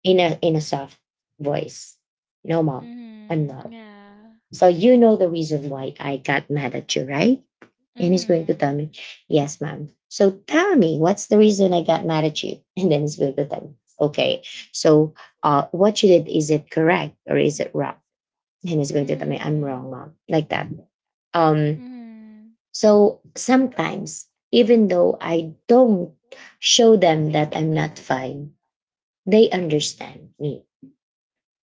Speaker 1: in a soft voice, no, mom, I'm
Speaker 2: Mhm.
Speaker 1: not.
Speaker 2: Yeah.
Speaker 1: So you know the reason why I got mad at you, right? And he's going to tell me,
Speaker 2: Mhm.
Speaker 1: yes, mom. So tell me, what's the reason I got mad at you? And then he's going to tell me, okay, so, what you did, is it correct or is it wrong? And he's going to tell me, I'm wrong,
Speaker 2: Mhm.
Speaker 1: mom, like that. Um,
Speaker 2: Mhm.
Speaker 1: so sometimes, even though I don't show them that I'm not fine, they understand me,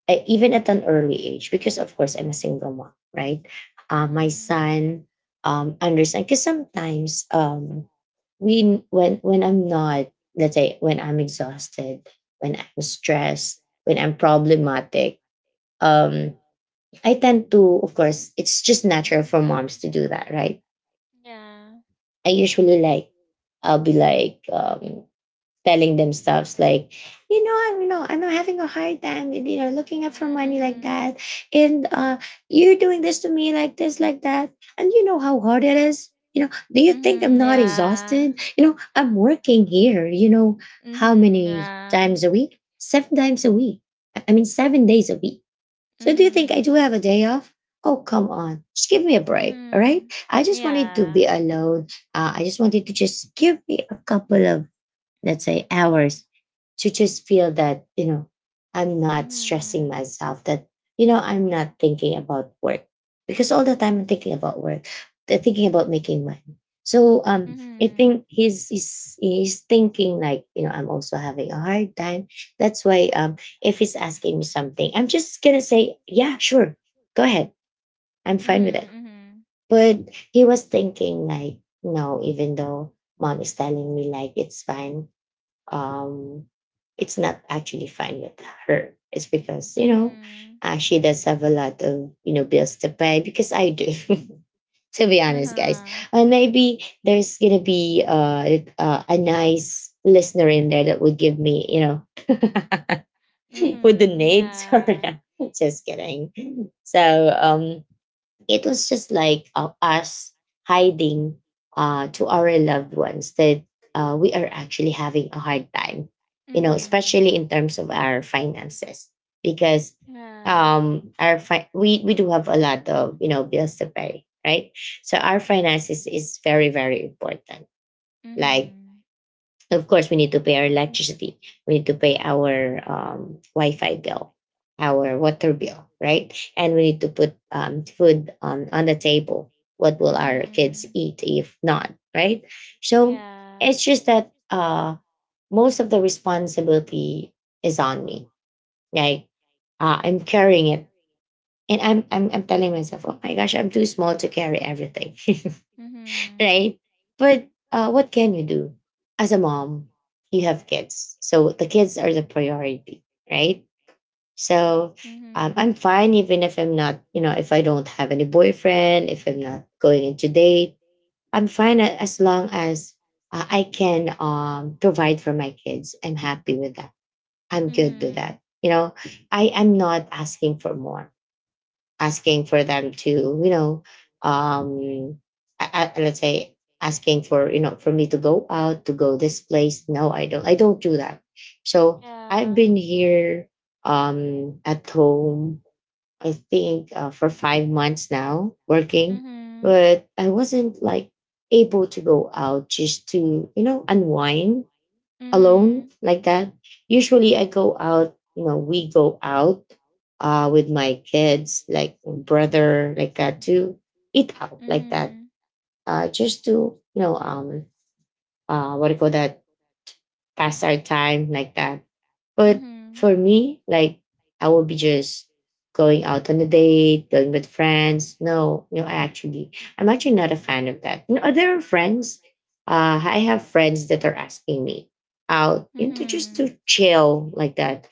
Speaker 1: even at an early age, because of course I'm a single mom, right? My
Speaker 2: Mhm.
Speaker 1: son, understand because sometimes, we when I'm not, let's say when I'm exhausted, when I'm stressed, when I'm problematic, um, I tend to — of course it's just natural for moms to do that, right?
Speaker 2: Yeah.
Speaker 1: I usually like, I'll be like, telling themselves, like, you know, I'm having a hard time, you know, looking up for
Speaker 2: Mhm.
Speaker 1: money, like
Speaker 2: Mhm.
Speaker 1: that. And you're doing this to me, like this, like that. And you know how hard it is. You know do you think I'm
Speaker 2: Mhm.
Speaker 1: not
Speaker 2: Yeah.
Speaker 1: exhausted? You know I'm working here, you know, how
Speaker 2: Mhm,
Speaker 1: many
Speaker 2: yeah.
Speaker 1: times a week? Seven times a week I mean, 7 days a week. So do you think I do
Speaker 2: Mhm.
Speaker 1: have a day off? Oh, come on, just give me a break. All right,
Speaker 2: Mhm.
Speaker 1: I just wanted to be
Speaker 2: Yeah.
Speaker 1: alone. I just wanted to, just give me a couple of, let's say, hours to just feel that, you know, I'm not stressing
Speaker 2: Mhm.
Speaker 1: myself, that, you know, I'm not thinking about work, because all the time I'm thinking about work, thinking about making money. So, I think
Speaker 2: Mhm.
Speaker 1: he's thinking, like, you know, I'm also having a hard time. That's why, if he's asking me something, I'm just gonna say, yeah, sure, go ahead, I'm fine with it.
Speaker 2: Mhm. Mhm.
Speaker 1: But he was thinking, like, no, even though mom is telling me, like, it's fine, um, it's not actually fine with her. It's because, you know,
Speaker 2: Mhm.
Speaker 1: she does have a lot of, you know, bills to pay, because I do. To be honest, guys,
Speaker 2: Uh-huh.
Speaker 1: and maybe there's gonna be a nice listener in there that would give me, you know, would the
Speaker 2: Mhm.
Speaker 1: needs, or
Speaker 2: Yeah.
Speaker 1: just kidding. So, it was just like, us hiding, to our loved ones that, we are actually having a hard time, you know,
Speaker 2: Mhm.
Speaker 1: especially in terms of our finances, because,
Speaker 2: Yeah.
Speaker 1: we do have a lot of, you know, bills to pay, right? So our finances is very very important. Like,
Speaker 2: Mhm.
Speaker 1: of course, we need to pay our electricity. We need to pay our, Wi-Fi bill, our water bill, right? And we need to put, food on the table. What will our kids
Speaker 2: Mhm.
Speaker 1: eat if not, right? So
Speaker 2: Yeah.
Speaker 1: it's just that, most of the responsibility is on me. Like, I'm carrying it, and I'm telling myself, oh my gosh, I'm too small to carry everything.
Speaker 2: Mhm.
Speaker 1: Right? But, what can you do? As a mom, you have kids. So the kids are the priority, right? So I'm
Speaker 2: Mhm.
Speaker 1: fine even if I'm not, you know, if I don't have any boyfriend, if I'm not going into date, I'm fine as long as I can provide for my kids. I'm happy with that. I'm
Speaker 2: Mhm.
Speaker 1: good with
Speaker 2: Mhm.
Speaker 1: that. You know, I am not asking for more asking for them to you know um let's say asking for for me to go out to go this place. No, I don't, I don't do that. So I've
Speaker 2: Yeah.
Speaker 1: been here at home, I think for 5 months now working,
Speaker 2: Mhm.
Speaker 1: but I wasn't like able to go out just to, you know, unwind alone
Speaker 2: Mhm.
Speaker 1: like that. Usually I go out, you know, we go out with my kids, like brother, like that, to eat out like that.
Speaker 2: Mhm.
Speaker 1: Uh, just to, you know, what do you call that? Pass our time like that. But
Speaker 2: Mhm.
Speaker 1: for me, like, I will be just going out on a date, going with friends. No, you know, I'm actually not a fan of that. You know, there are friends. I have friends that are asking me out into just
Speaker 2: Mhm.
Speaker 1: to chill like that.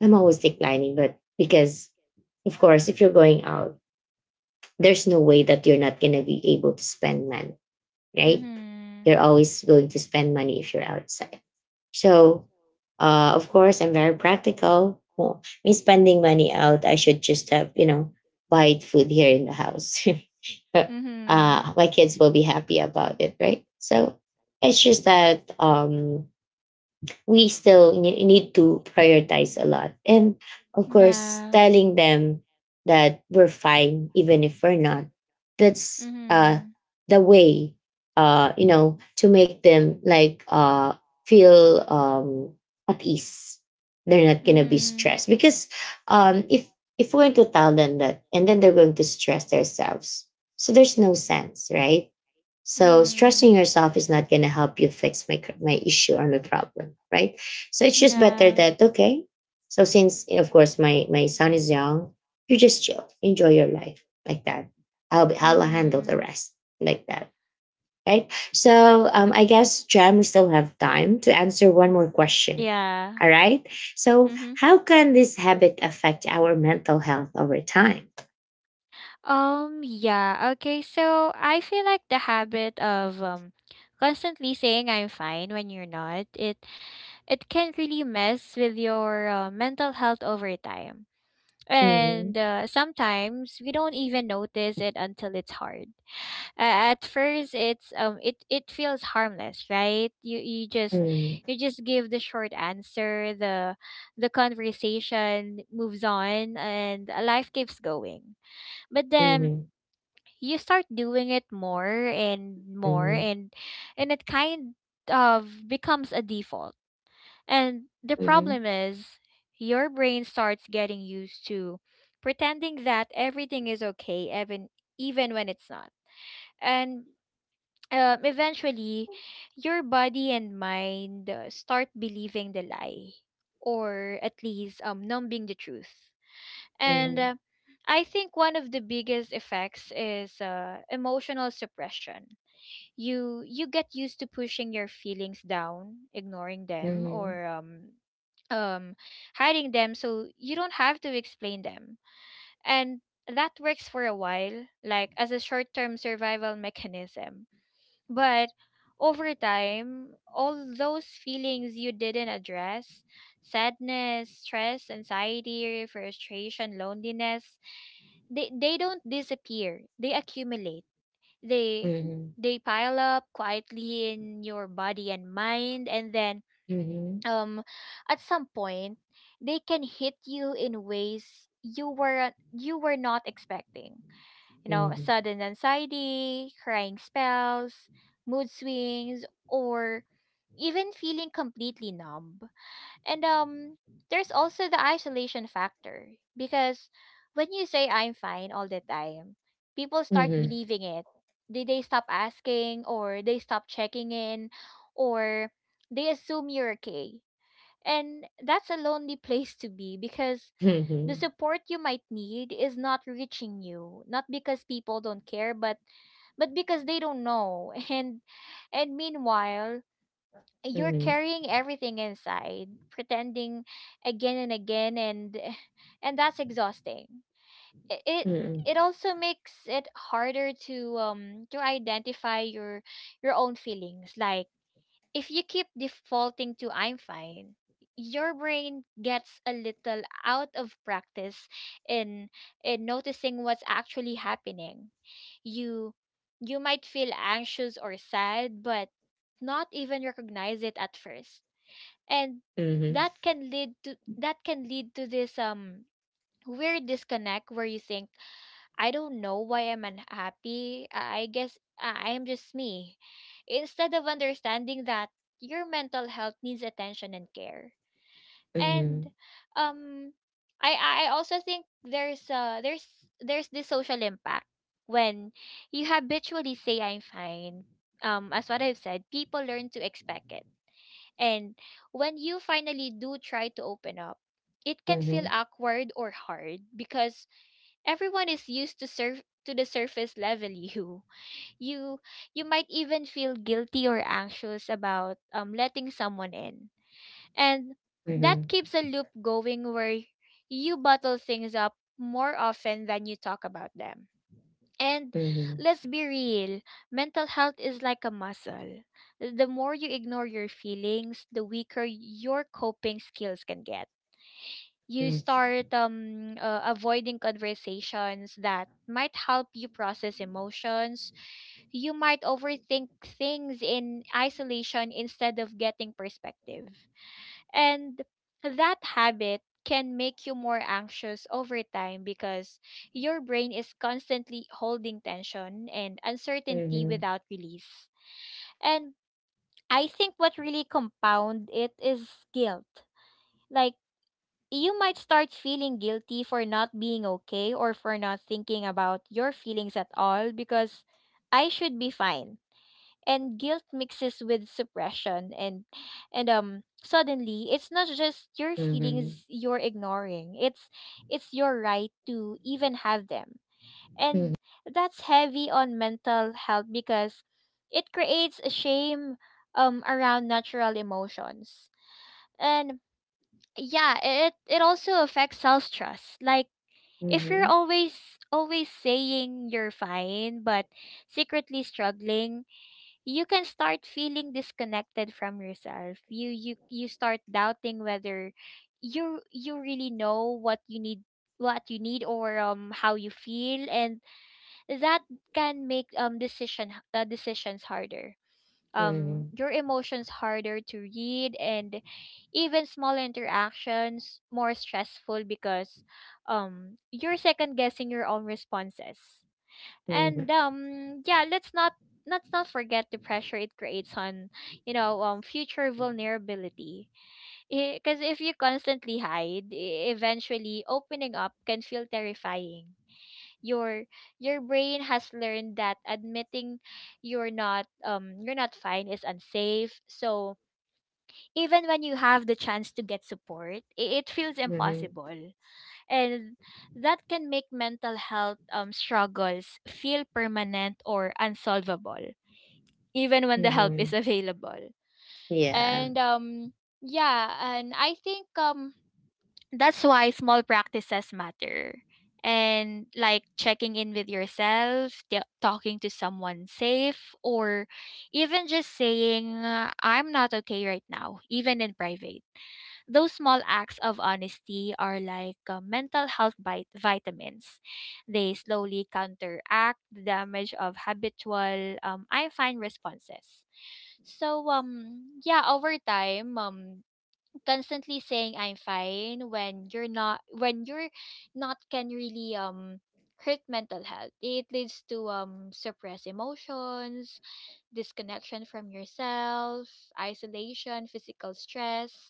Speaker 1: I'm always declining, but because of course if you're going out, there's no way that you're not gonna be able to spend money, right? You're
Speaker 2: Mhm.
Speaker 1: always going to spend money if you're outside. So, of course, I'm very practical. Well, me spending money out, I should just have, you know, buy food here in the house. uh,
Speaker 2: Mhm.
Speaker 1: my kids will be happy about it, right? So it's just that we still need to prioritize a lot. And of course,
Speaker 2: Yeah.
Speaker 1: telling them that we're fine, even if we're not, that's
Speaker 2: Mhm.
Speaker 1: the way, you know, to make them like feel at ease. They're not going to be
Speaker 2: Mhm.
Speaker 1: stressed because um, if if we're going to tell them that and then they're going to stress themselves, so there's no sense, right? So stressing
Speaker 2: Mhm.
Speaker 1: yourself is not going to help you fix my my issue or my problem, right? So it's just better
Speaker 2: Yeah.
Speaker 1: that okay. So since of course my son is young, you just chill, enjoy your life like that. I'll handle the
Speaker 2: Mhm.
Speaker 1: rest like that, right? So I guess Jam, we still have time to answer one more question.
Speaker 2: Yeah.
Speaker 1: All right. So
Speaker 2: Mhm.
Speaker 1: how can this habit affect our mental health over time?
Speaker 2: Yeah, okay. So I feel like the habit of constantly saying I'm fine when you're not, it can really mess with your mental health over time. And
Speaker 1: Mhm.
Speaker 2: sometimes we don't even notice it until it's hard. At first, it feels harmless, right? You you just
Speaker 1: Mhm.
Speaker 2: you just give the short answer. The conversation moves on, and life keeps going. But then
Speaker 1: Mhm.
Speaker 2: you start doing it more and more,
Speaker 1: Mhm.
Speaker 2: and it kind of becomes a default. And the
Speaker 1: Mhm.
Speaker 2: problem is, your brain starts getting used to pretending that everything is okay, even when it's not. And Eventually, your body and mind, start believing the lie, or at least, numbing the truth. And
Speaker 1: Mhm.
Speaker 2: I think one of the biggest effects is, emotional suppression. You get used to pushing your feelings down, ignoring them,
Speaker 1: Mhm.
Speaker 2: or um hiding them so you don't have to explain them. And that works for a while, like as a short-term survival mechanism. But over time, all those feelings you didn't address, sadness, stress, anxiety, frustration, loneliness, they don't disappear. They accumulate they
Speaker 1: Mhm.
Speaker 2: they pile up quietly in your body and mind, and then
Speaker 1: Mhm.
Speaker 2: um at some point they can hit you in ways you were not expecting, you know.
Speaker 1: Mhm.
Speaker 2: Sudden anxiety, crying spells, mood swings, or even feeling completely numb. And There's also the isolation factor, because when you say I'm fine all the time, people start
Speaker 1: Mhm.
Speaker 2: believing it. They stop asking, or they stop checking in, or they assume you're okay. And that's a lonely place to be, because the
Speaker 1: Mhm.
Speaker 2: support you might need is not reaching you, not because people don't care, but because they don't know. And meanwhile, you're
Speaker 1: Mhm.
Speaker 2: carrying everything inside, pretending again and again, and that's exhausting. It
Speaker 1: Mm.
Speaker 2: it also makes it harder to identify your own feelings. Like if you keep defaulting to I'm fine, your brain gets a little out of practice in in noticing what's actually happening. You you might feel anxious or sad, but not even recognize it at first. And
Speaker 1: Mhm.
Speaker 2: that can lead to this weird disconnect where you think, I don't know why I'm unhappy. I guess I am just me. Instead of understanding that your mental health needs attention and care. And
Speaker 1: Mhm.
Speaker 2: um I also think there's there's this social impact when you habitually say I'm fine. As what I've said, people learn to expect it. And when you finally do try to open up, it can feel
Speaker 1: Mhm.
Speaker 2: awkward or hard, because everyone is used to surf to the surface level you. You you might even feel guilty or anxious about letting someone in. And that
Speaker 1: Mhm.
Speaker 2: keeps a loop going where you bottle things up more often than you talk about them. And
Speaker 1: Mhm.
Speaker 2: let's be real, mental health is like a muscle. The more you ignore your feelings, the weaker your coping skills can get. You
Speaker 1: Mhm.
Speaker 2: start avoiding conversations that might help you process emotions. You might overthink things in isolation instead of getting perspective. And that habit can make you more anxious over time, because your brain is constantly holding tension and uncertainty
Speaker 1: Mhm.
Speaker 2: without release. And I think what really compound it is guilt. Like, you might start feeling guilty for not being okay, or for not thinking about your feelings at all, because I should be fine. And guilt mixes with suppression and suddenly it's not just your
Speaker 1: Mhm.
Speaker 2: feelings you're ignoring. It's your right to even have them. And that's heavy on mental health, because it creates a shame around natural emotions. And yeah, it also affects self trust. Like,
Speaker 1: Mhm.
Speaker 2: if you're
Speaker 1: Mhm.
Speaker 2: always saying you're fine but secretly struggling, you can start feeling disconnected from yourself. You start doubting whether you really know what you need, or how you feel. And that can make decisions harder,
Speaker 1: Mhm.
Speaker 2: your emotions harder to read, and even small interactions more stressful, because you're second guessing your own responses. And
Speaker 1: Mhm.
Speaker 2: Yeah, let's not forget the pressure it creates on future vulnerability, because if you constantly hide, eventually opening up can feel terrifying. your your brain has learned that admitting you're not you're not fine is unsafe, so even when you have the chance to get support, it feels
Speaker 1: Mhm.
Speaker 2: impossible. And that can make mental health struggles feel permanent or unsolvable, even when the help is
Speaker 1: Mhm.
Speaker 2: available.
Speaker 1: Yeah.
Speaker 2: And Yeah, and I think that's why small practices matter. And like checking in with yourself, talking to someone safe, or even just saying, I'm not okay right now, even in private. Those small acts of honesty are like mental health vitamins. They slowly counteract the damage of habitual, I find responses. So yeah, over time, constantly saying I'm fine when you're not, can really hurt mental health. It leads to suppressed emotions, disconnection from yourself, isolation, physical stress,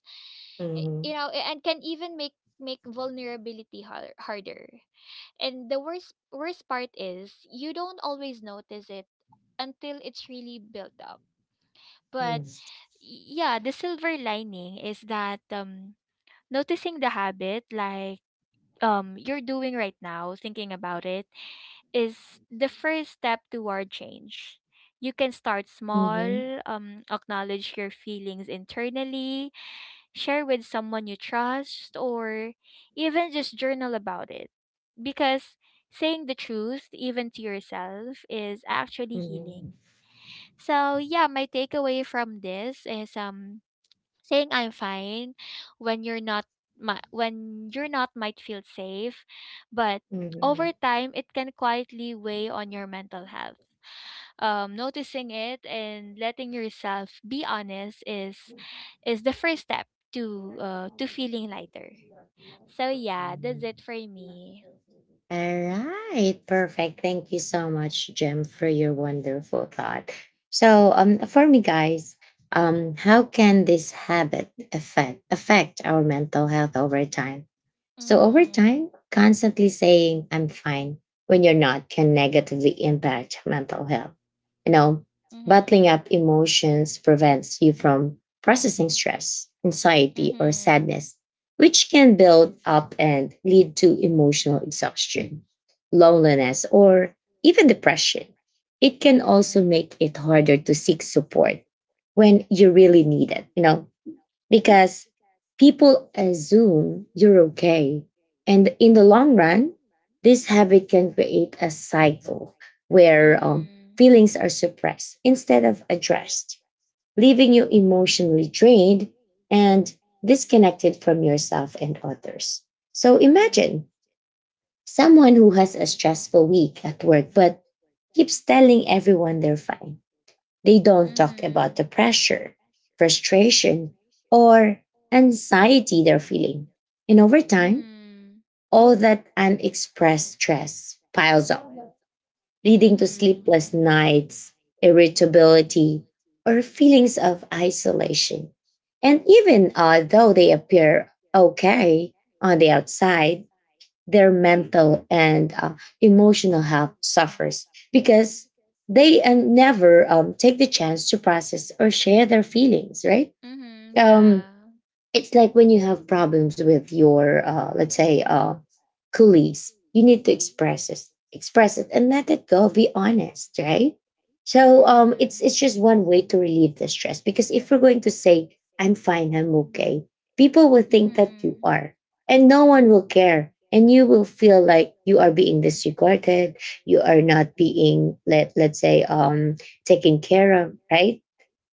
Speaker 2: you
Speaker 1: Mhm.
Speaker 2: know, and can even make vulnerability harder. And the worst part is you don't always notice it until it's really built up. But
Speaker 1: Mhm.
Speaker 2: yeah, the silver lining is that noticing the habit, like you're doing right now, thinking about it, is the first step toward change. You can start
Speaker 1: Mhm.
Speaker 2: small. Acknowledge your feelings internally, share with someone you trust, or even just journal about it. Because saying the truth, even to yourself, is actually
Speaker 1: Mhm.
Speaker 2: healing. So yeah, my takeaway from this is, saying I'm fine when you're not, might feel safe, but over
Speaker 1: Mhm.
Speaker 2: time it can quietly weigh on your mental health. Noticing it and letting yourself be honest is the first step to feeling lighter. So yeah, that's it for me.
Speaker 1: All right, perfect. Thank you so much, Jim, for your wonderful thought. So, for me, guys, how can this habit affect our mental health over time? So over
Speaker 2: Mhm.
Speaker 1: time, constantly saying I'm fine when you're not can negatively impact mental health. You know, bottling
Speaker 2: Mhm.
Speaker 1: up emotions prevents you from processing stress, anxiety, or
Speaker 2: Mhm.
Speaker 1: sadness, which can build up and lead to emotional exhaustion, loneliness, or even depression. It can also
Speaker 2: Mhm.
Speaker 1: make it harder to seek support when you really need it, you know, because people assume you're okay. And in the long run, this habit can create a cycle where
Speaker 2: Mhm.
Speaker 1: feelings are suppressed instead of addressed, leaving you emotionally drained and disconnected from yourself and others. So imagine someone who has a stressful week at work but keeps telling everyone they're fine. They don't talk about
Speaker 2: Mhm.
Speaker 1: the pressure, frustration, or anxiety they're feeling. And over time,
Speaker 2: Mhm.
Speaker 1: all that unexpressed stress piles up, leading to
Speaker 2: Mhm.
Speaker 1: sleepless nights, irritability, or feelings of isolation. And even though they appear okay on the outside, their mental and emotional health suffers because they never take the chance to process or share their feelings, right?
Speaker 2: Mhm.
Speaker 1: Um,
Speaker 2: Yeah.
Speaker 1: it's like when you have problems with your let's say colleagues. You need to express it and let it go, be honest, right? So
Speaker 2: Mhm.
Speaker 1: it's just one way to relieve the stress, because if you're going to say I'm fine, I'm okay, people will think that you
Speaker 2: Mhm.
Speaker 1: are, and no one will care, and you will feel like you are being disregarded, you are not being, let's say taken care of, right?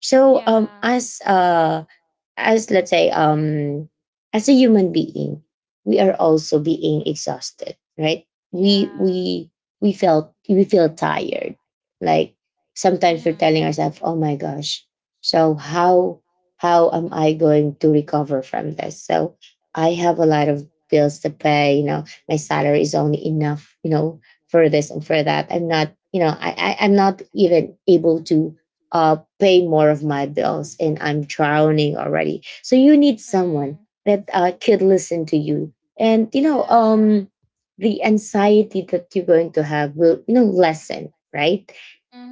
Speaker 1: So
Speaker 2: Yeah.
Speaker 1: as, let's say, as a human being, we are also being exhausted, right? we
Speaker 2: Yeah.
Speaker 1: we we feel tired, like sometimes we're
Speaker 2: Mhm.
Speaker 1: telling ourselves, oh my gosh, so how am I going to recover from this? So I have a lot of bills to pay, you know, my salary is only enough, you know, for this and for that. I'm not, you know, I'm not even able to pay more of my bills, and I'm drowning already. So you need someone
Speaker 2: Mhm.
Speaker 1: that could listen to you. And, you know,
Speaker 2: Yeah.
Speaker 1: the anxiety that you're going to have will, you know, lessen, right?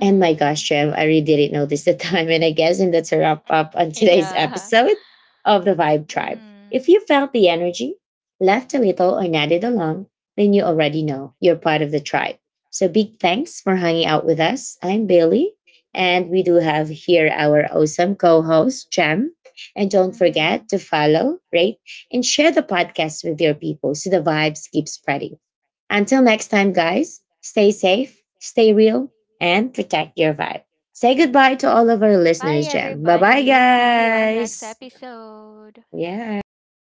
Speaker 1: And my gosh, Trev, I really didn't notice the time. And that's a wrap up on today's
Speaker 2: Yeah.
Speaker 1: episode of the Vibe Tribe. If
Speaker 2: Mhm.
Speaker 1: you felt the energy, left a little, or nodded along, then you already know you're part of the tribe. So big thanks for hanging out with us. I'm Bailey, and we do have here our awesome co host, Jem. And don't
Speaker 2: Mhm.
Speaker 1: forget to follow, rate, and share the podcast with your people so the vibes keep spreading. Until next time, guys, stay safe, stay real, and protect your vibe. Say goodbye to all of our
Speaker 2: Bye
Speaker 1: listeners, Jem. Bye bye,
Speaker 2: everybody. See you on next
Speaker 1: guys.
Speaker 2: episode.
Speaker 1: Yeah.